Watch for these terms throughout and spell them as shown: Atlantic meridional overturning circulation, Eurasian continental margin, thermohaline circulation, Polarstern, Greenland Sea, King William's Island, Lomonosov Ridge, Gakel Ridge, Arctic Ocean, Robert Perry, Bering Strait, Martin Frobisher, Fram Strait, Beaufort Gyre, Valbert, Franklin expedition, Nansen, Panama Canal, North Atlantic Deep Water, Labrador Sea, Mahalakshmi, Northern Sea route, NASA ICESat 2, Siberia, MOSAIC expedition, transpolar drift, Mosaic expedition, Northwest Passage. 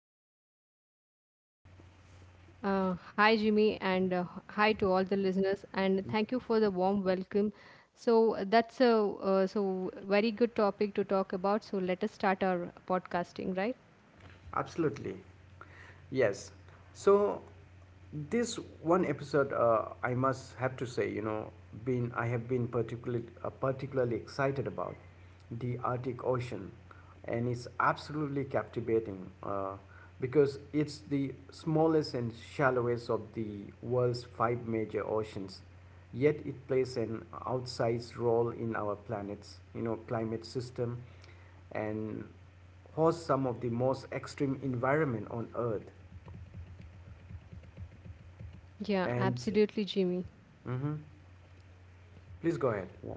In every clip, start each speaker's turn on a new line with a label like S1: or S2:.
S1: our midst.
S2: Hi, Jimmy, and hi to all the listeners, and thank you for the warm welcome. So that's a so very good topic to talk about. So let us start our podcasting, right?
S1: Absolutely. Yes. So this one episode, I must have to say, been I have been particularly excited about the Arctic Ocean, and it's absolutely captivating because it's the smallest and shallowest of the world's five major oceans. Yet it plays an outsized role in our planet's, climate system and hosts some of the most extreme environment on earth
S2: Yeah,
S1: and
S2: absolutely, Jimmy.
S1: Mhm. please go ahead, yeah.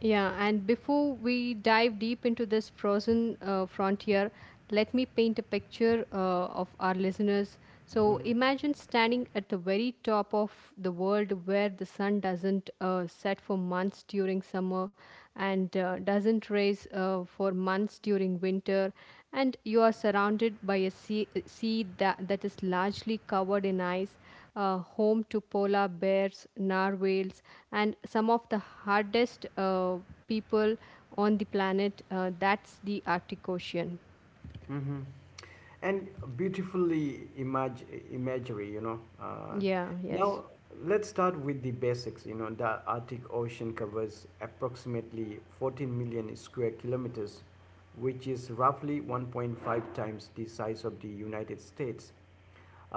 S2: Yeah, and before we dive deep into this frozen frontier, let me paint a picture of our listeners. So imagine standing at the very top of the world where the sun doesn't set for months during summer and doesn't raise for months during winter, and you are surrounded by a sea that is largely covered in ice, home to polar bears, narwhals, and some of the hardest people on the planet. That's the Arctic Ocean.
S1: hmm and beautifully imag- imagery,
S2: Yeah, yes.
S1: now let's start with the basics. The arctic ocean covers approximately 14 million square kilometers, which is roughly 1.5 times the size of the united states.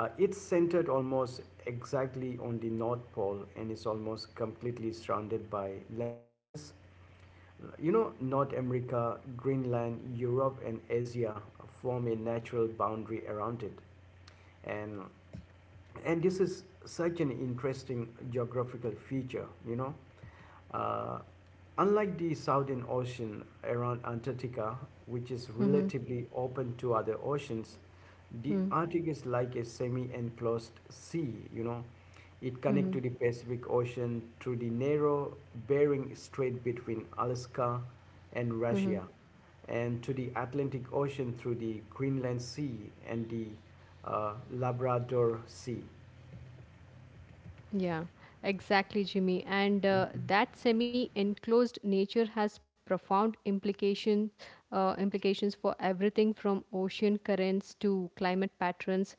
S1: It's centered almost exactly on the North Pole and is almost completely surrounded by land masses. You know, North America, Greenland, Europe, and Asia form a natural boundary around it. And, and this is such an interesting geographical feature, uh, unlike the Southern Ocean around Antarctica, which is
S2: Mm-hmm.
S1: relatively open to other oceans. The
S2: Mm-hmm.
S1: Arctic is like a semi-enclosed sea, you know. It connects
S2: Mm-hmm,
S1: to the Pacific Ocean through the narrow Bering Strait between Alaska and
S2: mm-hmm.
S1: Russia, and to the Atlantic Ocean through the Greenland Sea and the Labrador Sea.
S2: Yeah, exactly, Jimmy. And that semi-enclosed nature has profound implications for everything from ocean currents to climate patterns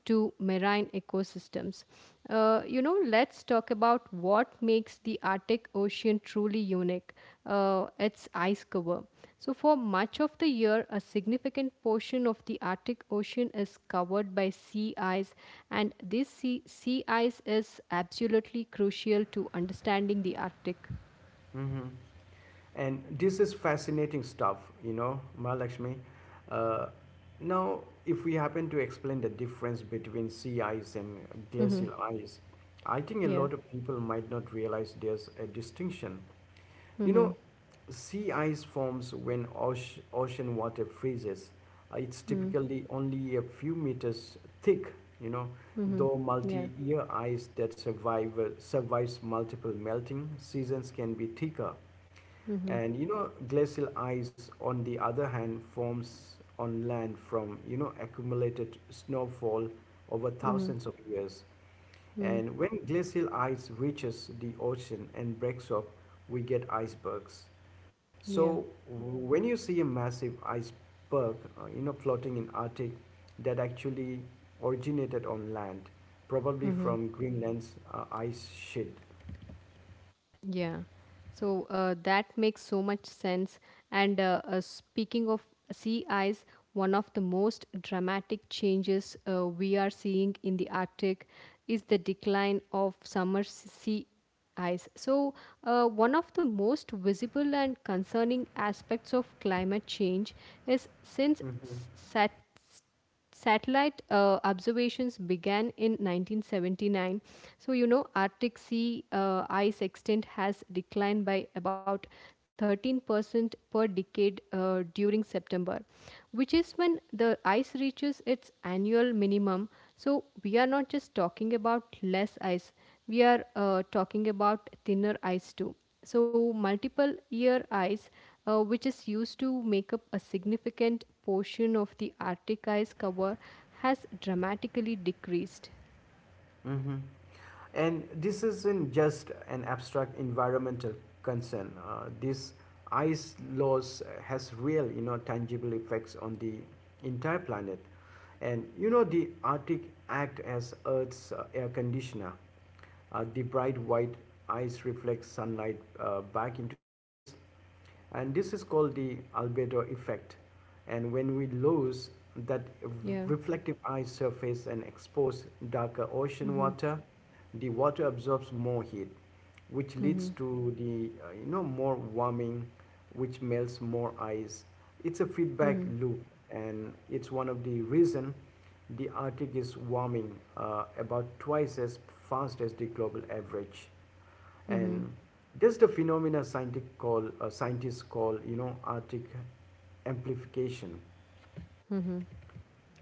S2: to marine ecosystems. You know, let's talk about what makes the Arctic Ocean truly unique, its ice cover. So, for much of the year, a significant portion of the Arctic Ocean is covered by sea ice, and this sea ice is absolutely crucial to understanding the Arctic.
S1: Mhm. And this is fascinating stuff, you know, Mahalakshmi. Uh, Now, if we happen to explain the difference between sea ice and
S2: Mm-hmm.
S1: glacial ice, I think a
S2: Yeah.
S1: lot of people might not realize there's a distinction. You know,
S2: Mm-hmm.
S1: sea ice forms when ocean water freezes. It's
S2: Mm-hmm.
S1: typically only a few meters thick, you know,
S2: Mm-hmm.
S1: though
S2: Yeah.
S1: multi-year ice that survive, survives multiple melting seasons can be thicker.
S2: Mm-hmm.
S1: And you know, glacial ice, on the other hand, forms on land from, you know, accumulated snowfall over
S2: Mm-hmm.
S1: thousands of years.
S2: Mm-hmm.
S1: And when glacial ice reaches the ocean and breaks up, we get icebergs. So
S2: Yeah.
S1: when you see a massive iceberg, you know, floating in Arctic, that actually originated on land, probably
S2: Mm-hmm.
S1: from Greenland's ice sheet.
S2: Yeah. So that makes so much sense. And speaking of sea ice, one of the most dramatic changes we are seeing in the Arctic is the decline of summer sea ice. So, one of the most visible and concerning aspects of climate change is since
S1: Mhm.
S2: s- sat- satellite observations began in 1979, so you know, arctic sea ice extent has declined by about 13% per decade during september, which is when the ice reaches its annual minimum. So we are not just talking about less ice, we are talking about thinner ice too. So multiple year ice, which is used to make up a significant portion of the Arctic ice cover, has dramatically decreased.
S1: Mm-hmm. And this isn't just an abstract environmental concern. This ice loss has real, you know, tangible effects on the entire planet. And you know, the Arctic act as Earth's air conditioner. The bright white ice reflects sunlight back into space, and this is called the albedo effect. And when we
S2: Mm-hmm.
S1: lose that
S2: Yeah.
S1: reflective ice surface and expose darker ocean
S2: Mm-hmm.
S1: water, the water absorbs more heat, which leads
S2: Mm-hmm.
S1: to the you know, more warming, which melts more ice. It's a feedback
S2: Mm-hmm.
S1: loop, and it's one of the reason the Arctic is warming about twice as fast as the global average.
S2: Mm-hmm.
S1: And there's the phenomena scientific call scientists call, you know, arctic amplification.
S2: Mm-hmm.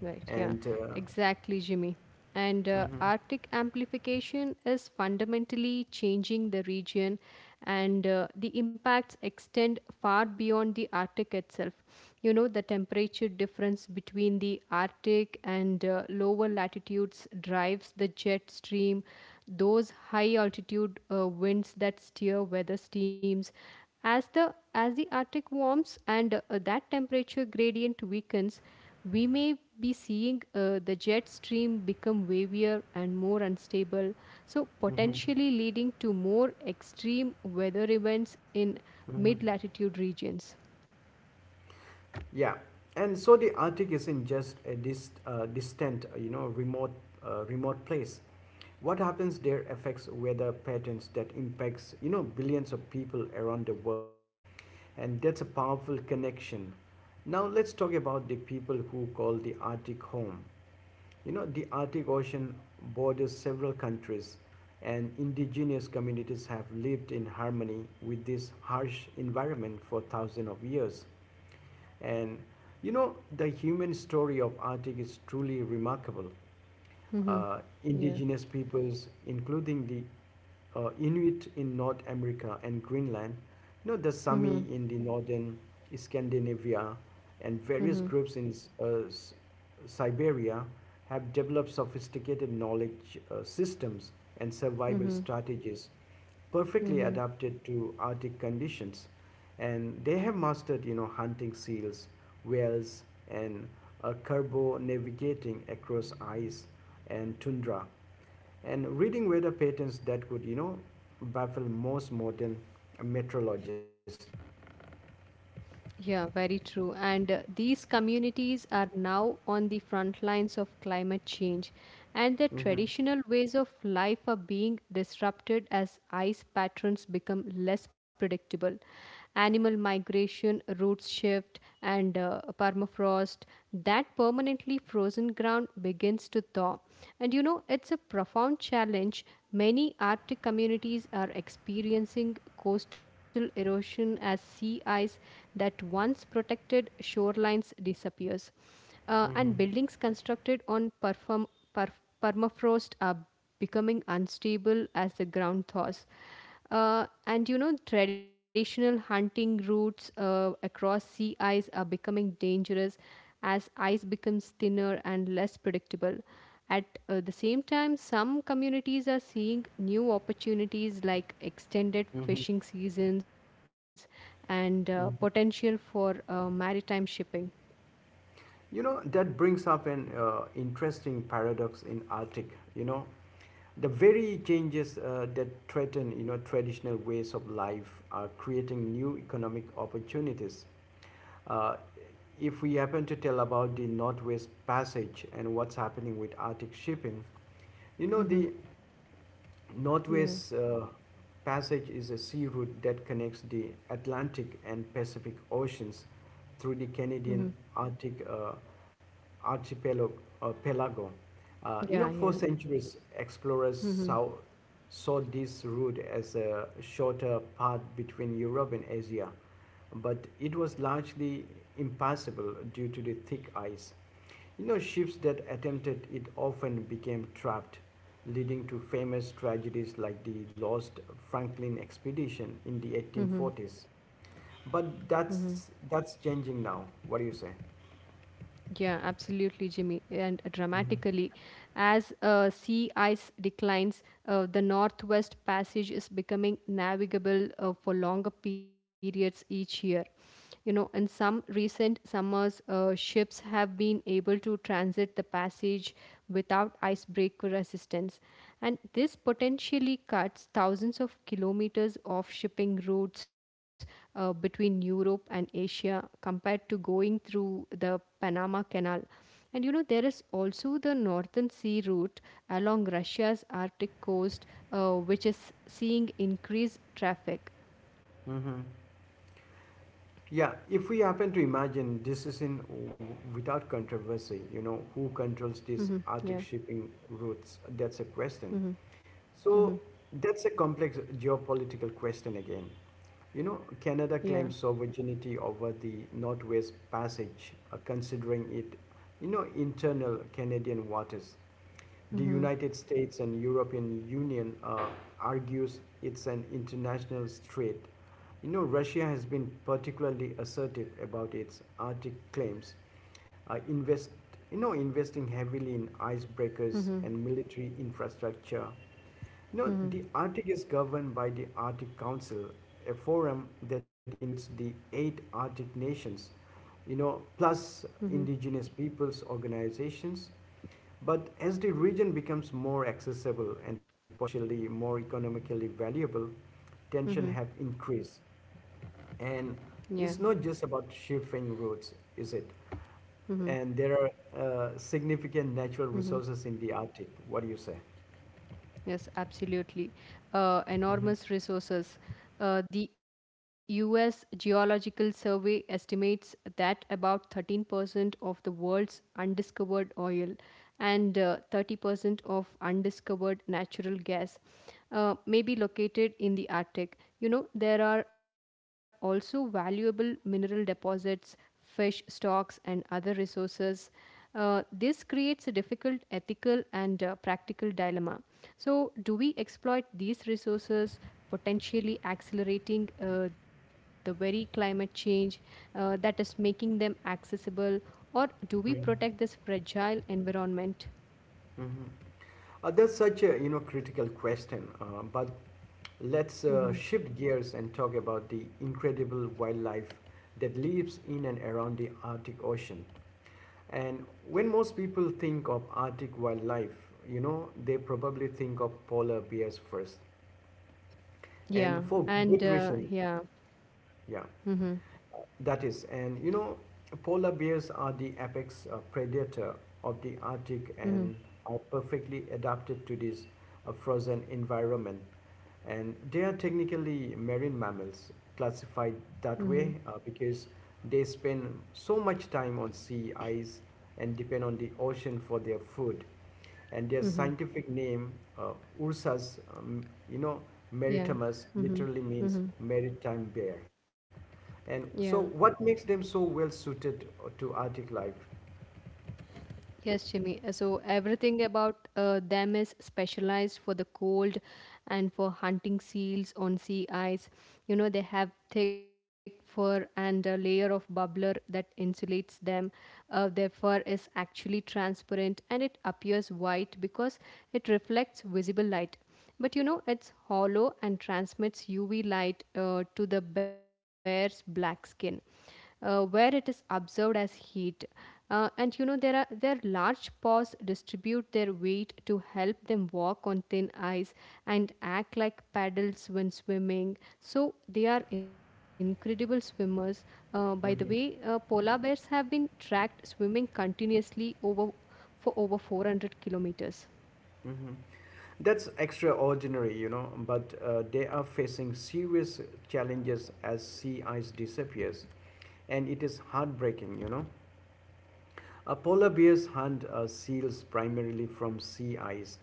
S2: Right, yeah,
S1: And
S2: exactly, Jimmy. And
S1: Mm-hmm.
S2: Arctic amplification is fundamentally changing the region, and the impacts extend far beyond the Arctic itself. You know, the temperature difference between the Arctic and lower latitudes drives the jet stream, those high altitude winds that steer weather streams. As the arctic warms and that temperature gradient weakens, we may be seeing the jet stream become wavier and more unstable, so
S1: Mm-hmm.
S2: potentially leading to more extreme weather events in mid
S1: Mm-hmm.
S2: latitude regions.
S1: Yeah. And so the Arctic isn't just a distant, remote place. What happens there affects weather patterns that impacts, you know, billions of people around the world. And that's a powerful connection. Now let's talk about the people who call the Arctic home. You know, the Arctic Ocean borders several countries, and indigenous communities have lived in harmony with this harsh environment for thousands of years. And you know, the human story of Arctic is truly remarkable.
S2: Mhm.
S1: uh,
S2: Yeah.
S1: Indigenous peoples, including the Inuit in North America and Greenland, you know, the
S2: Mm-hmm.
S1: Sami in the northern Scandinavia, and various groups in uh, S- Siberia have developed sophisticated knowledge systems and survival
S2: Mm-hmm.
S1: strategies perfectly
S2: Mm-hmm.
S1: adapted to Arctic conditions, and they have mastered, you know, hunting seals, whales, and carbo navigating across ice and tundra, and reading weather patterns that could, you know, baffle most modern meteorologists.
S2: Yeah, very true. And these communities are now on the front lines of climate change, and their
S1: Hmm.
S2: traditional ways of life are being disrupted as ice patterns become less predictable. Animal migration, roots shift, and permafrost, that permanently frozen ground, begins continents to thaw. And you know, it's a profound challenge. Many Arctic communities are experiencing coastal erosion as sea ice that once protected shorelines disappears. And
S1: Hmm.
S2: buildings constructed on permafrost are becoming unstable as the ground thaws. And you know, traditional hunting routes across sea ice are becoming dangerous as ice becomes thinner and less predictable. At the same time, some communities are seeing new opportunities like extended
S1: Hmm.
S2: fishing seasons and
S1: Hmm.
S2: potential for maritime shipping.
S1: You know, that brings up an interesting paradox in Arctic. You know, the very changes that threaten, you know, traditional ways of life are creating new economic opportunities. Uh, if we happen to tell about the Northwest Passage and what's happening with Arctic shipping, you know, the
S2: Mm-hmm.
S1: Northwest
S2: Yeah.
S1: Passage is a sea route that connects the Atlantic and Pacific Oceans through the
S2: Mm-hmm.
S1: Canadian Arctic archipelago. Pelago. You know, for
S2: Yeah. Yeah.
S1: centuries, explorers saw
S2: Mm-hmm.
S1: saw this route as a shorter path between Europe and Asia, but it was largely impassable due to the thick ice. You know, ships that attempted it often became trapped, leading to famous tragedies like the lost Franklin expedition in the
S2: Mm-hmm.
S1: 1840s. But
S2: Mm-hmm.
S1: that's changing now. What do you say?
S2: Yeah, absolutely, Jimmy. And uh,
S1: Mhm.
S2: dramatically, As uh, sea ice declines, the Northwest Passage is becoming navigable for longer periods each year. You know, in some recent summers, ships have been able to transit the passage without icebreaker resistance. And this potentially cuts thousands of kilometers of shipping routes between Europe and Asia compared to going through the Panama Canal. And you know, there is also the Northern Sea route along Russia's Arctic coast, which is seeing increased traffic.
S1: Mm-hmm. Yeah, if we happen to imagine this is in without controversy, you know, who
S2: Mm-hmm.
S1: controls
S2: Yeah.
S1: these Arctic shipping routes? That's a
S2: Mm-hmm.
S1: question.
S2: Mm-hmm.
S1: So that's a complex geopolitical question again. You know,
S2: Yeah.
S1: Canada claims sovereignty over the Northwest Passage, considering it, you know, internal Canadian waters. The
S2: Mm-hmm.
S1: United States and European Union argues it's an international strait. You know, Russia has been particularly assertive about its Arctic claims, uh, invest, you know, investing heavily in
S2: Mm-hmm.
S1: icebreakers and military infrastructure. You know, the Arctic is governed by the Arctic Council, a forum that includes the eight Arctic nations, you know,
S2: Mm-hmm.
S1: plus indigenous peoples organizations, but as the region becomes more accessible and potentially more economically valuable, tension
S2: Mm-hmm.
S1: have increased.
S2: Yeah.
S1: And it's not just about shipping routes, is it?
S2: Mm-hmm.
S1: And there are significant natural resources in the Arctic. What do you say?
S2: Yes, absolutely.
S1: Hmm.
S2: Enormous resources. The US Geological Survey estimates that about 13% of the world's undiscovered oil and 30% of undiscovered natural gas may be located in the Arctic. You know, there are also valuable mineral deposits, fish stocks, and other resources. This creates a difficult ethical and practical dilemma. So, do we exploit these resources, potentially accelerating the very climate change that is making them accessible, or do we protect
S1: Hmm.
S2: this fragile environment?
S1: That's such a, you know, critical question. But let's
S2: Hmm.
S1: shift gears and talk about the incredible wildlife that lives in and around the Arctic Ocean. And when most people think of Arctic wildlife, you know, they probably think of polar bears first. And
S2: Yeah,
S1: for
S2: and
S1: good reason,
S2: yeah, mm-hmm,
S1: yeah. That is, and you know, polar bears are the apex predator of the Arctic
S2: mm-hmm,
S1: and are perfectly adapted to this frozen environment. And they are technically marine mammals, classified
S2: mm-hmm,
S1: that way because they spend so much time on sea ice and depend on the ocean for their food. And their
S2: mm-hmm,
S1: scientific name, uh, Ursus, you know,
S2: yeah,
S1: maritimus,
S2: mm-hmm,
S1: literally means
S2: mm-hmm,
S1: maritime bear.
S2: yeah.
S1: And so, what makes them so well suited to Arctic life?
S2: Yes, Jimmy. So everything about them is specialized for the cold and for hunting seals on sea ice. You know, they have thick fur and a layer of bubbler that insulates them. Their fur is actually transparent and it appears white because it reflects visible light. But you know, it's hollow and transmits UV light to the bear's black skin, where it is observed as heat. And you know, there are their large paws distribute their weight to help them walk on thin ice and act like paddles when swimming. So they are incredible swimmers. By the way,
S1: Hmm.
S2: polar bears have been tracked swimming continuously over for over 400 kilometers.
S1: Hmm. That's extraordinary, you know, but they are facing serious challenges as sea ice disappears, and it is heartbreaking, you know. Polar bears hunt seals primarily from sea ice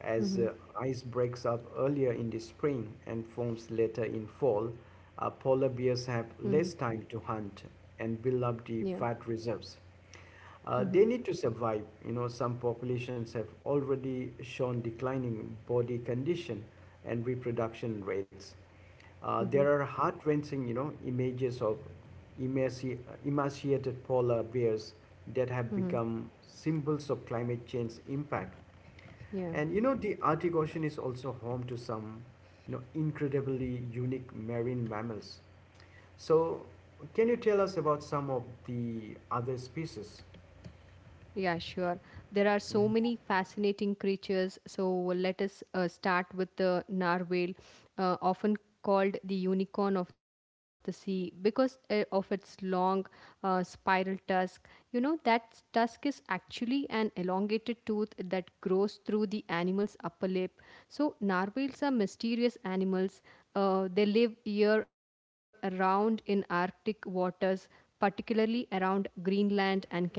S1: as
S2: Hmm.
S1: ice breaks up earlier in the spring and forms later in fall. Polar
S2: Hmm.
S1: bears have less time to hunt and build
S2: Yeah.
S1: up the fat reserves
S2: Mm-hmm.
S1: they need to survive. You know, some populations have already shown declining body condition and reproduction rates.
S2: Mm-hmm.
S1: There are heart-wrenching, you know, images of emaci- emaciated polar bears that have
S2: Mm-hmm.
S1: become symbols of climate change impact.
S2: Yeah.
S1: And you know, the Arctic Ocean is also home to some, you know, incredibly unique marine mammals. So, can you tell us about some of the other species?
S2: Yeah, sure. There are so many fascinating creatures. So let us start with the narwhal, often called the unicorn of the sea because of its long spiral tusk. You know, that tusk is actually an elongated tooth that grows through the animal's upper lip. So, narwhals are mysterious animals. They live year round in Arctic waters, particularly around Greenland and Canada,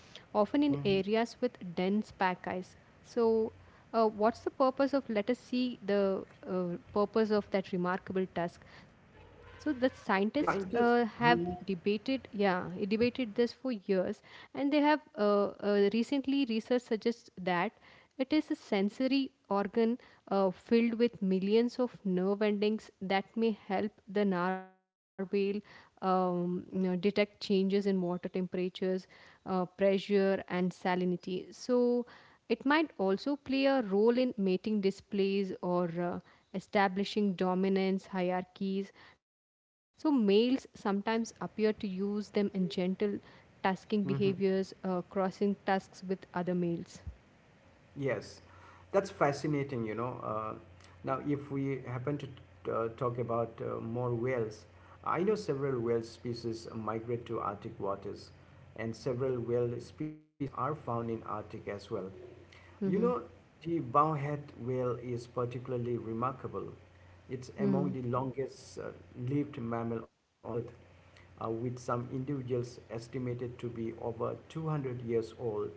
S2: often in
S1: Mhm.
S2: areas with dense pack ice. So, what's the purpose of? Let us see the purpose of that remarkable tusk. So, the scientists
S1: Yeah,
S2: have
S1: scientists.
S2: debated this for years, and they have recently research suggests that it is a sensory organ filled with millions of nerve endings that may help the narwhal you know, detect changes in water temperatures, pressure, and salinity. So, it might also play a role in mating displays or establishing dominance hierarchies. So, males sometimes appear to use them in gentle tasking behaviors,
S1: Mhm.
S2: crossing tasks with other males.
S1: Yes, that's fascinating. You know, now if we happen to talk about more whales, I know several whale species migrate to Arctic waters, and several whale species are found in Arctic as well. You
S2: Hmm.
S1: know, the bowhead whale is particularly remarkable. It's among
S2: Hmm.
S1: the longest lived mammal on Earth, with some individuals estimated to be over 200 years old.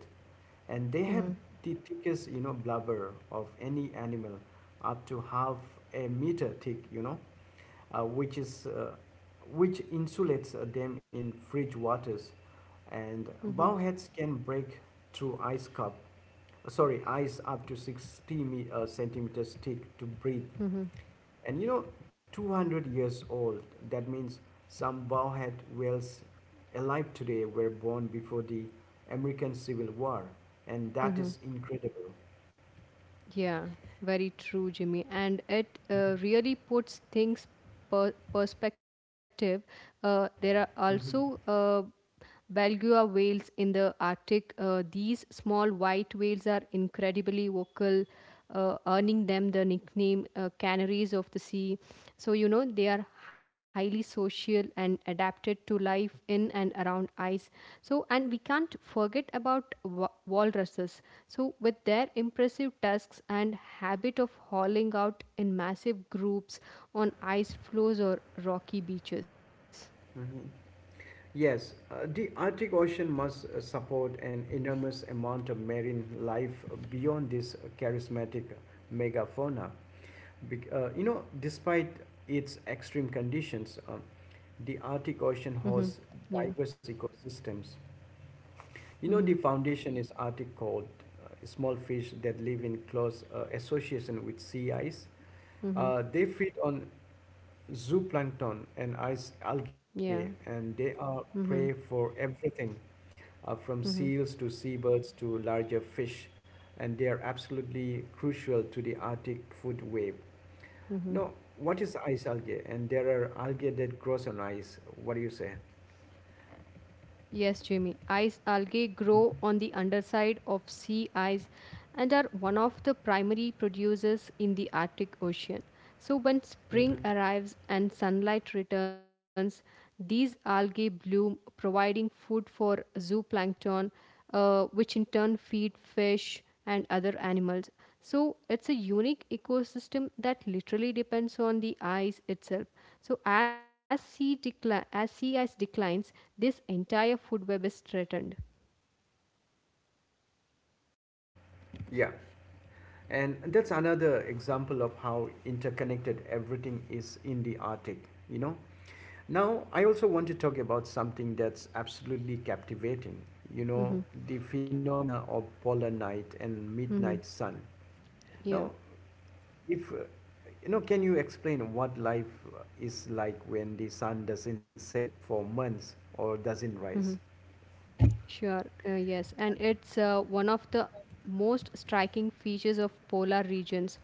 S1: And they have
S2: Hmm.
S1: the thickest, you know, blubber of any animal, up to half a meter thick, you know, uh, which is uh, which insulates them in fridge waters. And bowheads can break through ice cup sorry ice up to 60 centimeters thick to breathe.
S2: Hmm.
S1: And you know, 200 years old, that means some bowhead whales alive today were born before the American Civil War, and that
S2: Hmm.
S1: is incredible.
S2: Yeah, very true, Jimmy. And it really puts things perspective. There are also
S1: Mhm.
S2: Belgua whales in the Arctic. These small white whales are incredibly vocal, earning them the nickname canaries of the sea. So, you know, they are highly social and adapted to life in and around ice. So, and we can't forget about walruses. So, with their impressive tusks and habit of hauling out in massive groups on ice floes or rocky beaches.
S1: Mhm. Yes, the Arctic Ocean must support an enormous amount of marine life beyond this charismatic megafauna. You know, despite its extreme conditions, the Arctic
S2: Mm-hmm.
S1: Ocean hosts
S2: Yeah.
S1: diverse ecosystems.
S2: Mm-hmm.
S1: You know, the foundation is Arctic called small fish that live in close association with sea ice.
S2: Mm-hmm.
S1: They feed on zooplankton and ice
S2: Yeah.
S1: algae, and they
S2: Mm-hmm.
S1: are prey for everything
S2: Mm-hmm.
S1: from seals to seabirds to larger fish, and they are absolutely crucial to the Arctic food web.
S2: Mm-hmm.
S1: Now, what is ice algae? And there are algae that grows on ice. What do you say?
S2: Yes, Jamie. Ice algae grow on the underside of sea ice and are one of the primary producers in the Arctic Ocean. So, when spring
S1: Hmm.
S2: arrives and sunlight returns, these algae bloom, providing food for zooplankton, which in turn feed fish and other animals. So it's a unique ecosystem that literally depends on the ice itself. So as sea ice declines, this entire food web is threatened.
S1: Yeah. And that's another example of how interconnected everything is in the Arctic, you know. Now, I also want to talk about something that's absolutely captivating, you know,
S2: Hmm.
S1: the phenomena of polar night and midnight
S2: Hmm.
S1: sun. Now,
S2: Yeah.
S1: if you know, can you explain what life is like when the sun doesn't set for months or doesn't
S2: Hmm.
S1: rise?
S2: Sure. Yes, and it's one of the most striking features of polar regions.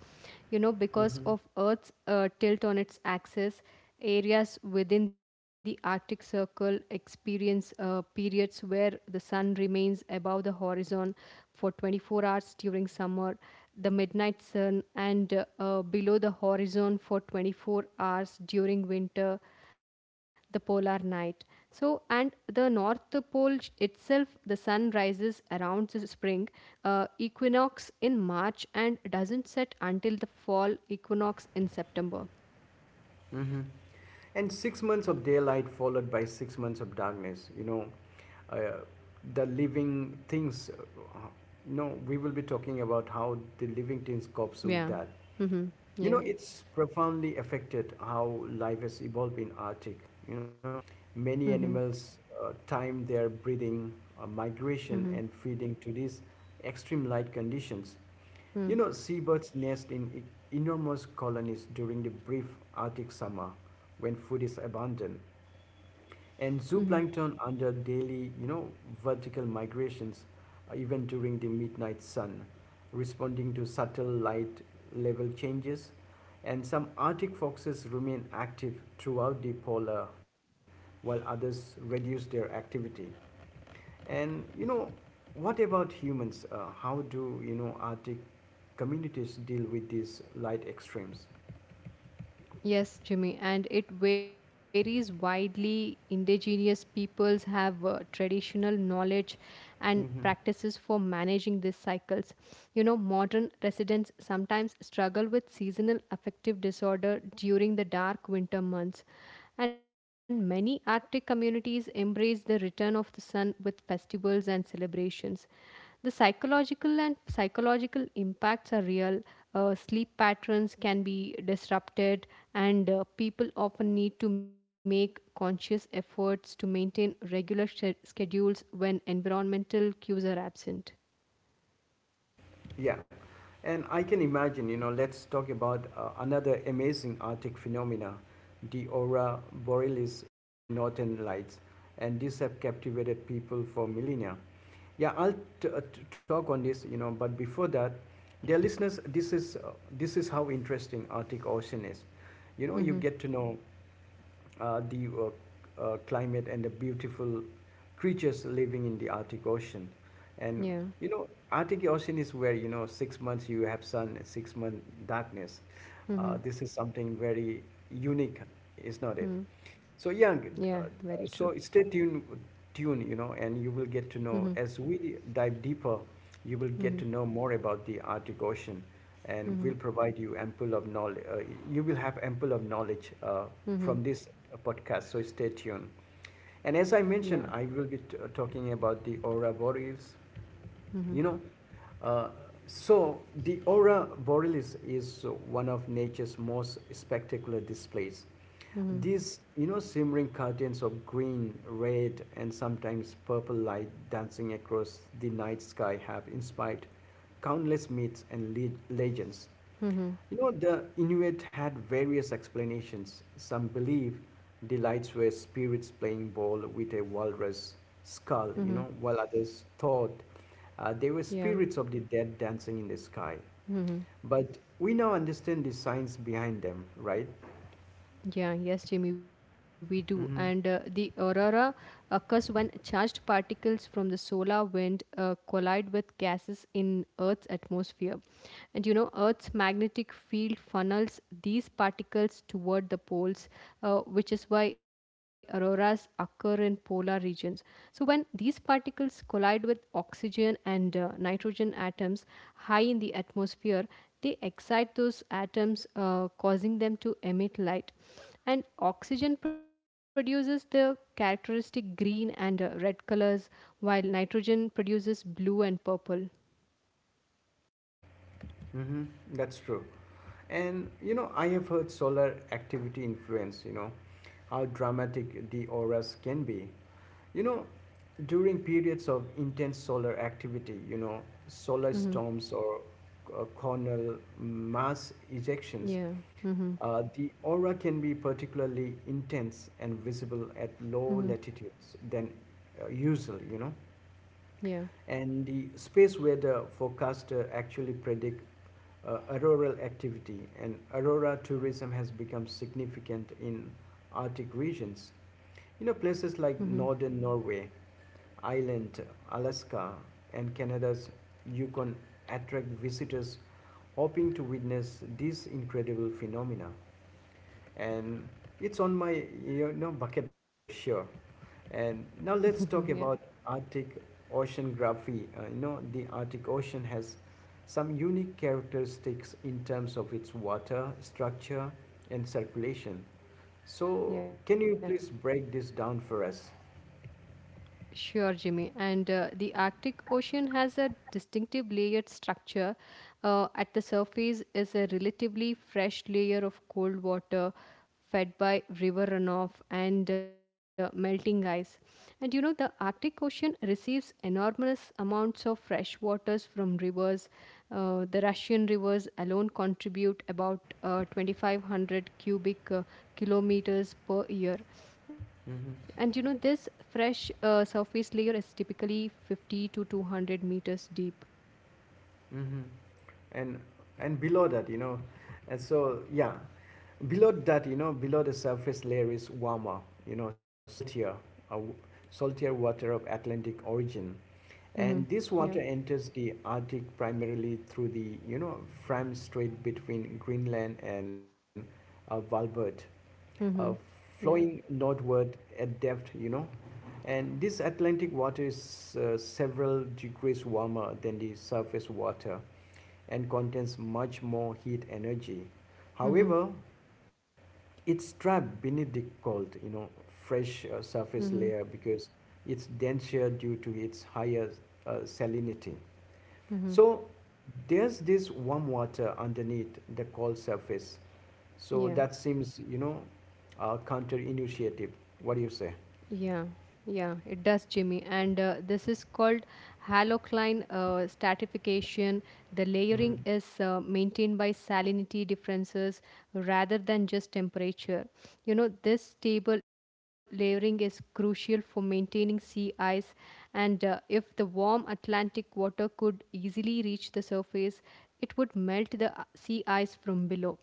S2: You know, because
S1: Hmm.
S2: of Earth's tilt on its axis, areas within the Arctic Circle experience periods where the sun remains above the horizon for 24 hours during summer, the midnight sun, and below the horizon for 24 hours during winter, the polar night. So, and the North Pole itself, the sun rises around the spring equinox in March and doesn't set until the fall equinox in September.
S1: Mm-hmm. And 6 months of daylight followed by 6 months of darkness. Uh, the living things. No, We will be talking about how the living things copes with
S2: Yeah.
S1: that.
S2: Mm-hmm.
S1: You
S2: Yeah.
S1: know, it's profoundly affected how life has evolved in Arctic. You know,
S2: Mm-hmm.
S1: many animals time their breeding, migration,
S2: Mm-hmm.
S1: and feeding to these extreme light conditions. You know, seabirds nest in enormous colonies during the brief Arctic summer when food is abundant.
S2: Mm-hmm.
S1: And zooplankton under daily, you know, vertical migrations, even during the midnight sun, responding to subtle light level changes. And some Arctic foxes remain active throughout the polar night, while others reduce their activity. And you know, what about humans? How do you know Arctic communities deal with these light extremes?
S2: Yes, Jimmy, and it varies widely. Indigenous peoples have traditional knowledge and
S1: Hmm.
S2: practices for managing these cycles. You know, modern residents sometimes struggle with seasonal affective disorder during the dark winter months. And many Arctic communities embrace the return of the sun with festivals and celebrations. The psychological and psychological impacts are real. Sleep patterns can be disrupted, and people often need to make conscious efforts to maintain regular schedules when environmental cues are absent.
S1: Yeah, and I can imagine. You know, let's talk about another amazing Arctic phenomena, the aurora borealis of northern lights, and these have captivated people for millennia. Yeah, I'll talk on this, you know, but before that, dear listeners, this is how interesting Arctic Ocean is. You know, you
S2: Mm-hmm.
S1: get to know the climate and the beautiful creatures living in the Arctic Ocean. And
S2: Yeah.
S1: you know, Arctic Ocean is where you know 6 months you have sun, 6 month darkness.
S2: Mm-hmm.
S1: This is something very unique, is not it?
S2: Mm-hmm.
S1: So
S2: Yeah. Very true.
S1: uh, so stay tuned, tune you know, and you will get to
S2: Mm-hmm.
S1: know as we dive deeper, you will
S2: Mm-hmm.
S1: get to know more about the Arctic Ocean, and
S2: Mm-hmm.
S1: we'll provide you ample of knowledge. You will have ample of knowledge
S2: Mm-hmm.
S1: from this podcast. So stay tuned. And
S2: Yeah.
S1: as I mentioned, I will be talking about the aurora borealis.
S2: Mm-hmm.
S1: You know, uh, so the aurora borealis is one of nature's most spectacular displays.
S2: Mm-hmm.
S1: These, you know, simmering curtains of green, red, and sometimes purple light dancing across the night sky have inspired countless myths and legends.
S2: Mm-hmm.
S1: You know, the Inuit had various explanations. Some believe the lights were spirits playing ball with a walrus
S2: Mm-hmm.
S1: skull, you know, while others thought they were
S2: Yeah.
S1: spirits of the dead dancing in the sky.
S2: Mm-hmm.
S1: But we now understand the science behind them, right?
S2: Yeah, yes, Jimmy, we do. And the
S1: Hmm.
S2: aurora occurs when charged particles from the solar wind collide with gases in Earth's atmosphere. And you know, Earth's magnetic field funnels these particles toward the poles, which is why auroras occur in polar regions. So, when these particles collide with oxygen and nitrogen atoms high in the atmosphere, they excite those atoms, causing them to emit light. And oxygen produces the characteristic green and red colors, while nitrogen produces blue and purple.
S1: Mm-hmm. That's true. And you know, I have heard solar activity influence, you know, how dramatic the auras can be. You know, during periods of intense solar activity, you know, solar
S2: Mm-hmm.
S1: storms or coronal mass ejections,
S2: Yeah. Mm-hmm.
S1: the aura can be particularly intense and visible
S2: Mm-hmm.
S1: at low latitudes than usual, you know.
S2: Yeah.
S1: And the space weather forecaster actually predict auroral activity and aurora tourism has become significant in Arctic regions. You
S2: Mm-hmm.
S1: know, places like northern Norway, Ireland, Alaska, and Canada's Yukon attract visitors hoping to witness these incredible phenomena. And it's on my you know bucket list for sure. And
S2: Mm-hmm.
S1: now
S2: Yeah.
S1: let's talk about Arctic oceanography. You know, the Arctic Ocean has some unique characteristics in terms of its water structure and circulation. So,
S2: Yeah.
S1: can you please break this down for us?
S2: Sure, Jimmy. And the Arctic Ocean has a distinctive layered structure. At the surface is a relatively fresh layer of cold water fed by river runoff and melting ice. And you know, the Arctic Ocean receives enormous amounts of fresh waters from rivers. The Russian rivers alone contribute about 2,500 cubic kilometers per year, and you know,
S1: Mm-hmm.
S2: this fresh surface layer is typically 50 to 200 meters deep.
S1: Mm-hmm. And and Below that, you know, and so yeah, below that, you know, below the surface layer is warmer, you know, uh, saltier water of Atlantic origin.
S2: Mm-hmm.
S1: And this
S2: Yeah.
S1: water enters the Arctic primarily through the, you know, Fram Strait between Greenland and Valbert, uh,
S2: Mm-hmm.
S1: flowing
S2: Yeah.
S1: northward at depth, you know. And this Atlantic water is several degrees warmer than the surface water and contains much more heat energy.
S2: Mm-hmm.
S1: However, it's trapped beneath the cold, you know, fresh
S2: Mm-hmm.
S1: surface layer because it's denser due to its higher salinity.
S2: Mm-hmm.
S1: So there's this warm water underneath the cold surface. So
S2: Yeah.
S1: that seems, counterintuitive. What do you say?
S2: Yeah. Yeah, it does, Jimmy. And this is called halocline stratification. The layering
S1: Mm.
S2: is maintained by salinity differences rather than just temperature. You know, this stable layering is crucial for maintaining sea ice, and if the warm Atlantic water could easily reach the surface, it would melt the sea ice from below.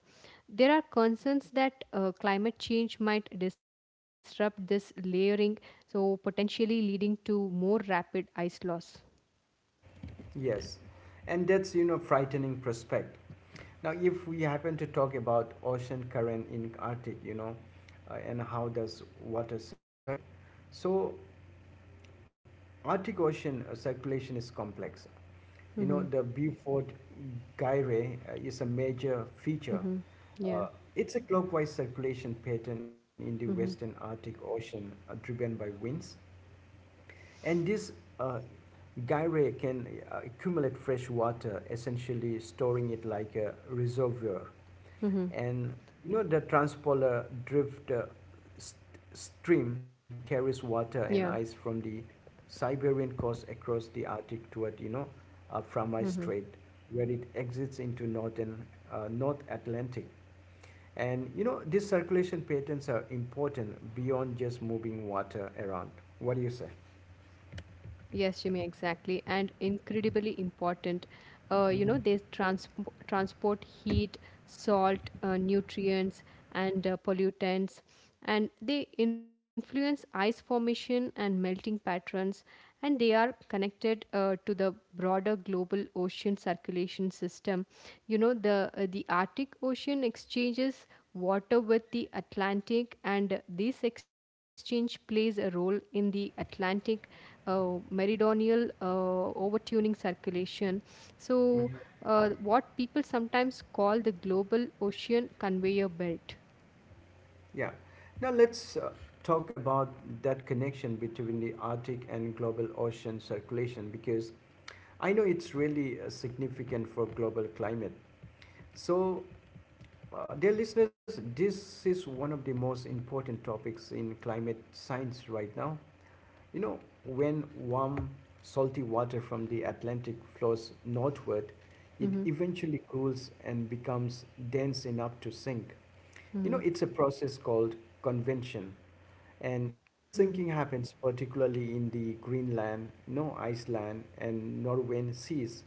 S2: There are concerns that climate change might disrupt this layering, so potentially leading to more rapid ice loss.
S1: Yes, and that's you know frightening prospect. Now, if we happen to talk about ocean current in Arctic, you know, and how does water circulate? So Arctic Ocean circulation is complex. You know,
S2: Mm-hmm,
S1: the Beaufort Gyre is a major feature.
S2: mm-hmm, yeah.
S1: Uh, it's a clockwise circulation pattern in the
S2: Mm-hmm,
S1: western Arctic Ocean driven by winds. And this uh, gyre can accumulate fresh water, essentially storing it like a reservoir,
S2: mm-hmm.
S1: and you know the transpolar drift st- stream carries
S2: Yeah.
S1: water and ice from the Siberian coast across the Arctic toward you know Framai
S2: Hmm.
S1: Strait, where it exits into northern North Atlantic. And you know these circulation patterns are important beyond just moving water around. What do you say?
S2: Yes, Jimmy, exactly. And incredibly important. You know, they
S1: Hmm.
S2: transp transport heat, salt, nutrients, and pollutants, and they influence ice formation and melting patterns, and they are connected to the broader global ocean circulation system. You know, the Arctic Ocean exchanges water with the Atlantic, and this exchange plays a role in the Atlantic meridional overtuning circulation. So,
S1: Hmm.
S2: what people sometimes call the global ocean conveyor belt.
S1: Yeah. Now let's talk about that connection between the Arctic and global ocean circulation because I know it's really significant for global climate. So, dear listeners, this is one of the most important topics in climate science right now. You know, when warm, salty water from the Atlantic flows northward, it
S2: Mhm,
S1: eventually cools and becomes dense enough to sink. You know,
S2: mhm,
S1: it's a process called convection.
S2: mhm.
S1: And this sinking happens particularly in the Greenland, you know, Iceland, and Norwegian seas.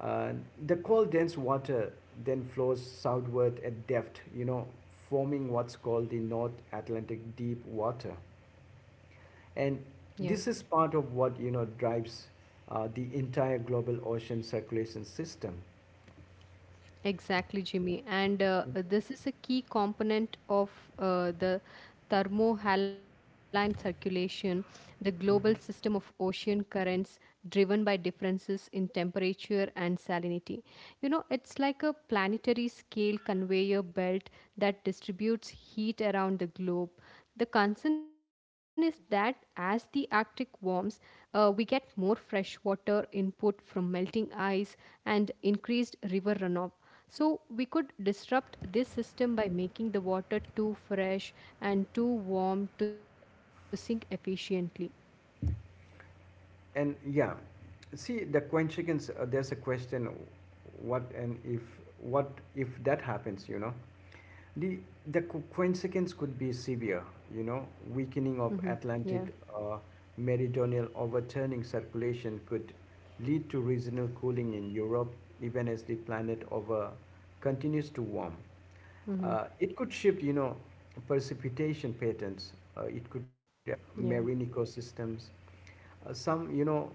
S1: Uh, the cold, dense water then flows southward at depth, you know, forming what's called the North Atlantic Deep Water. And
S2: Yeah.
S1: this is part of what, you know, drives the entire global ocean circulation system.
S2: Exactly, Jimmy. And this is a key component of the thermohaline circulation, the global system
S1: Mhm.
S2: of ocean currents driven by differences in temperature and salinity. You know, it's like a planetary scale conveyor belt that distributes heat around the globe. The concern is that as the Arctic warms, we get more freshwater input from melting ice and increased river runoff. So we could disrupt this system by making the water too fresh and too warm to sink efficiently.
S1: And yeah, see the consequence. There's a question: what and if? What if that happens? You know, The, consequence could be severe, you know,
S2: Hmm.
S1: weakening of
S2: Yeah.
S1: Atlantic meridional overturning circulation could lead to regional cooling in Europe even as the planet over continues to warm.
S2: Hmm.
S1: It could shift, you know, precipitation patterns. It could
S2: Yeah.
S1: affect marine ecosystems some, you know,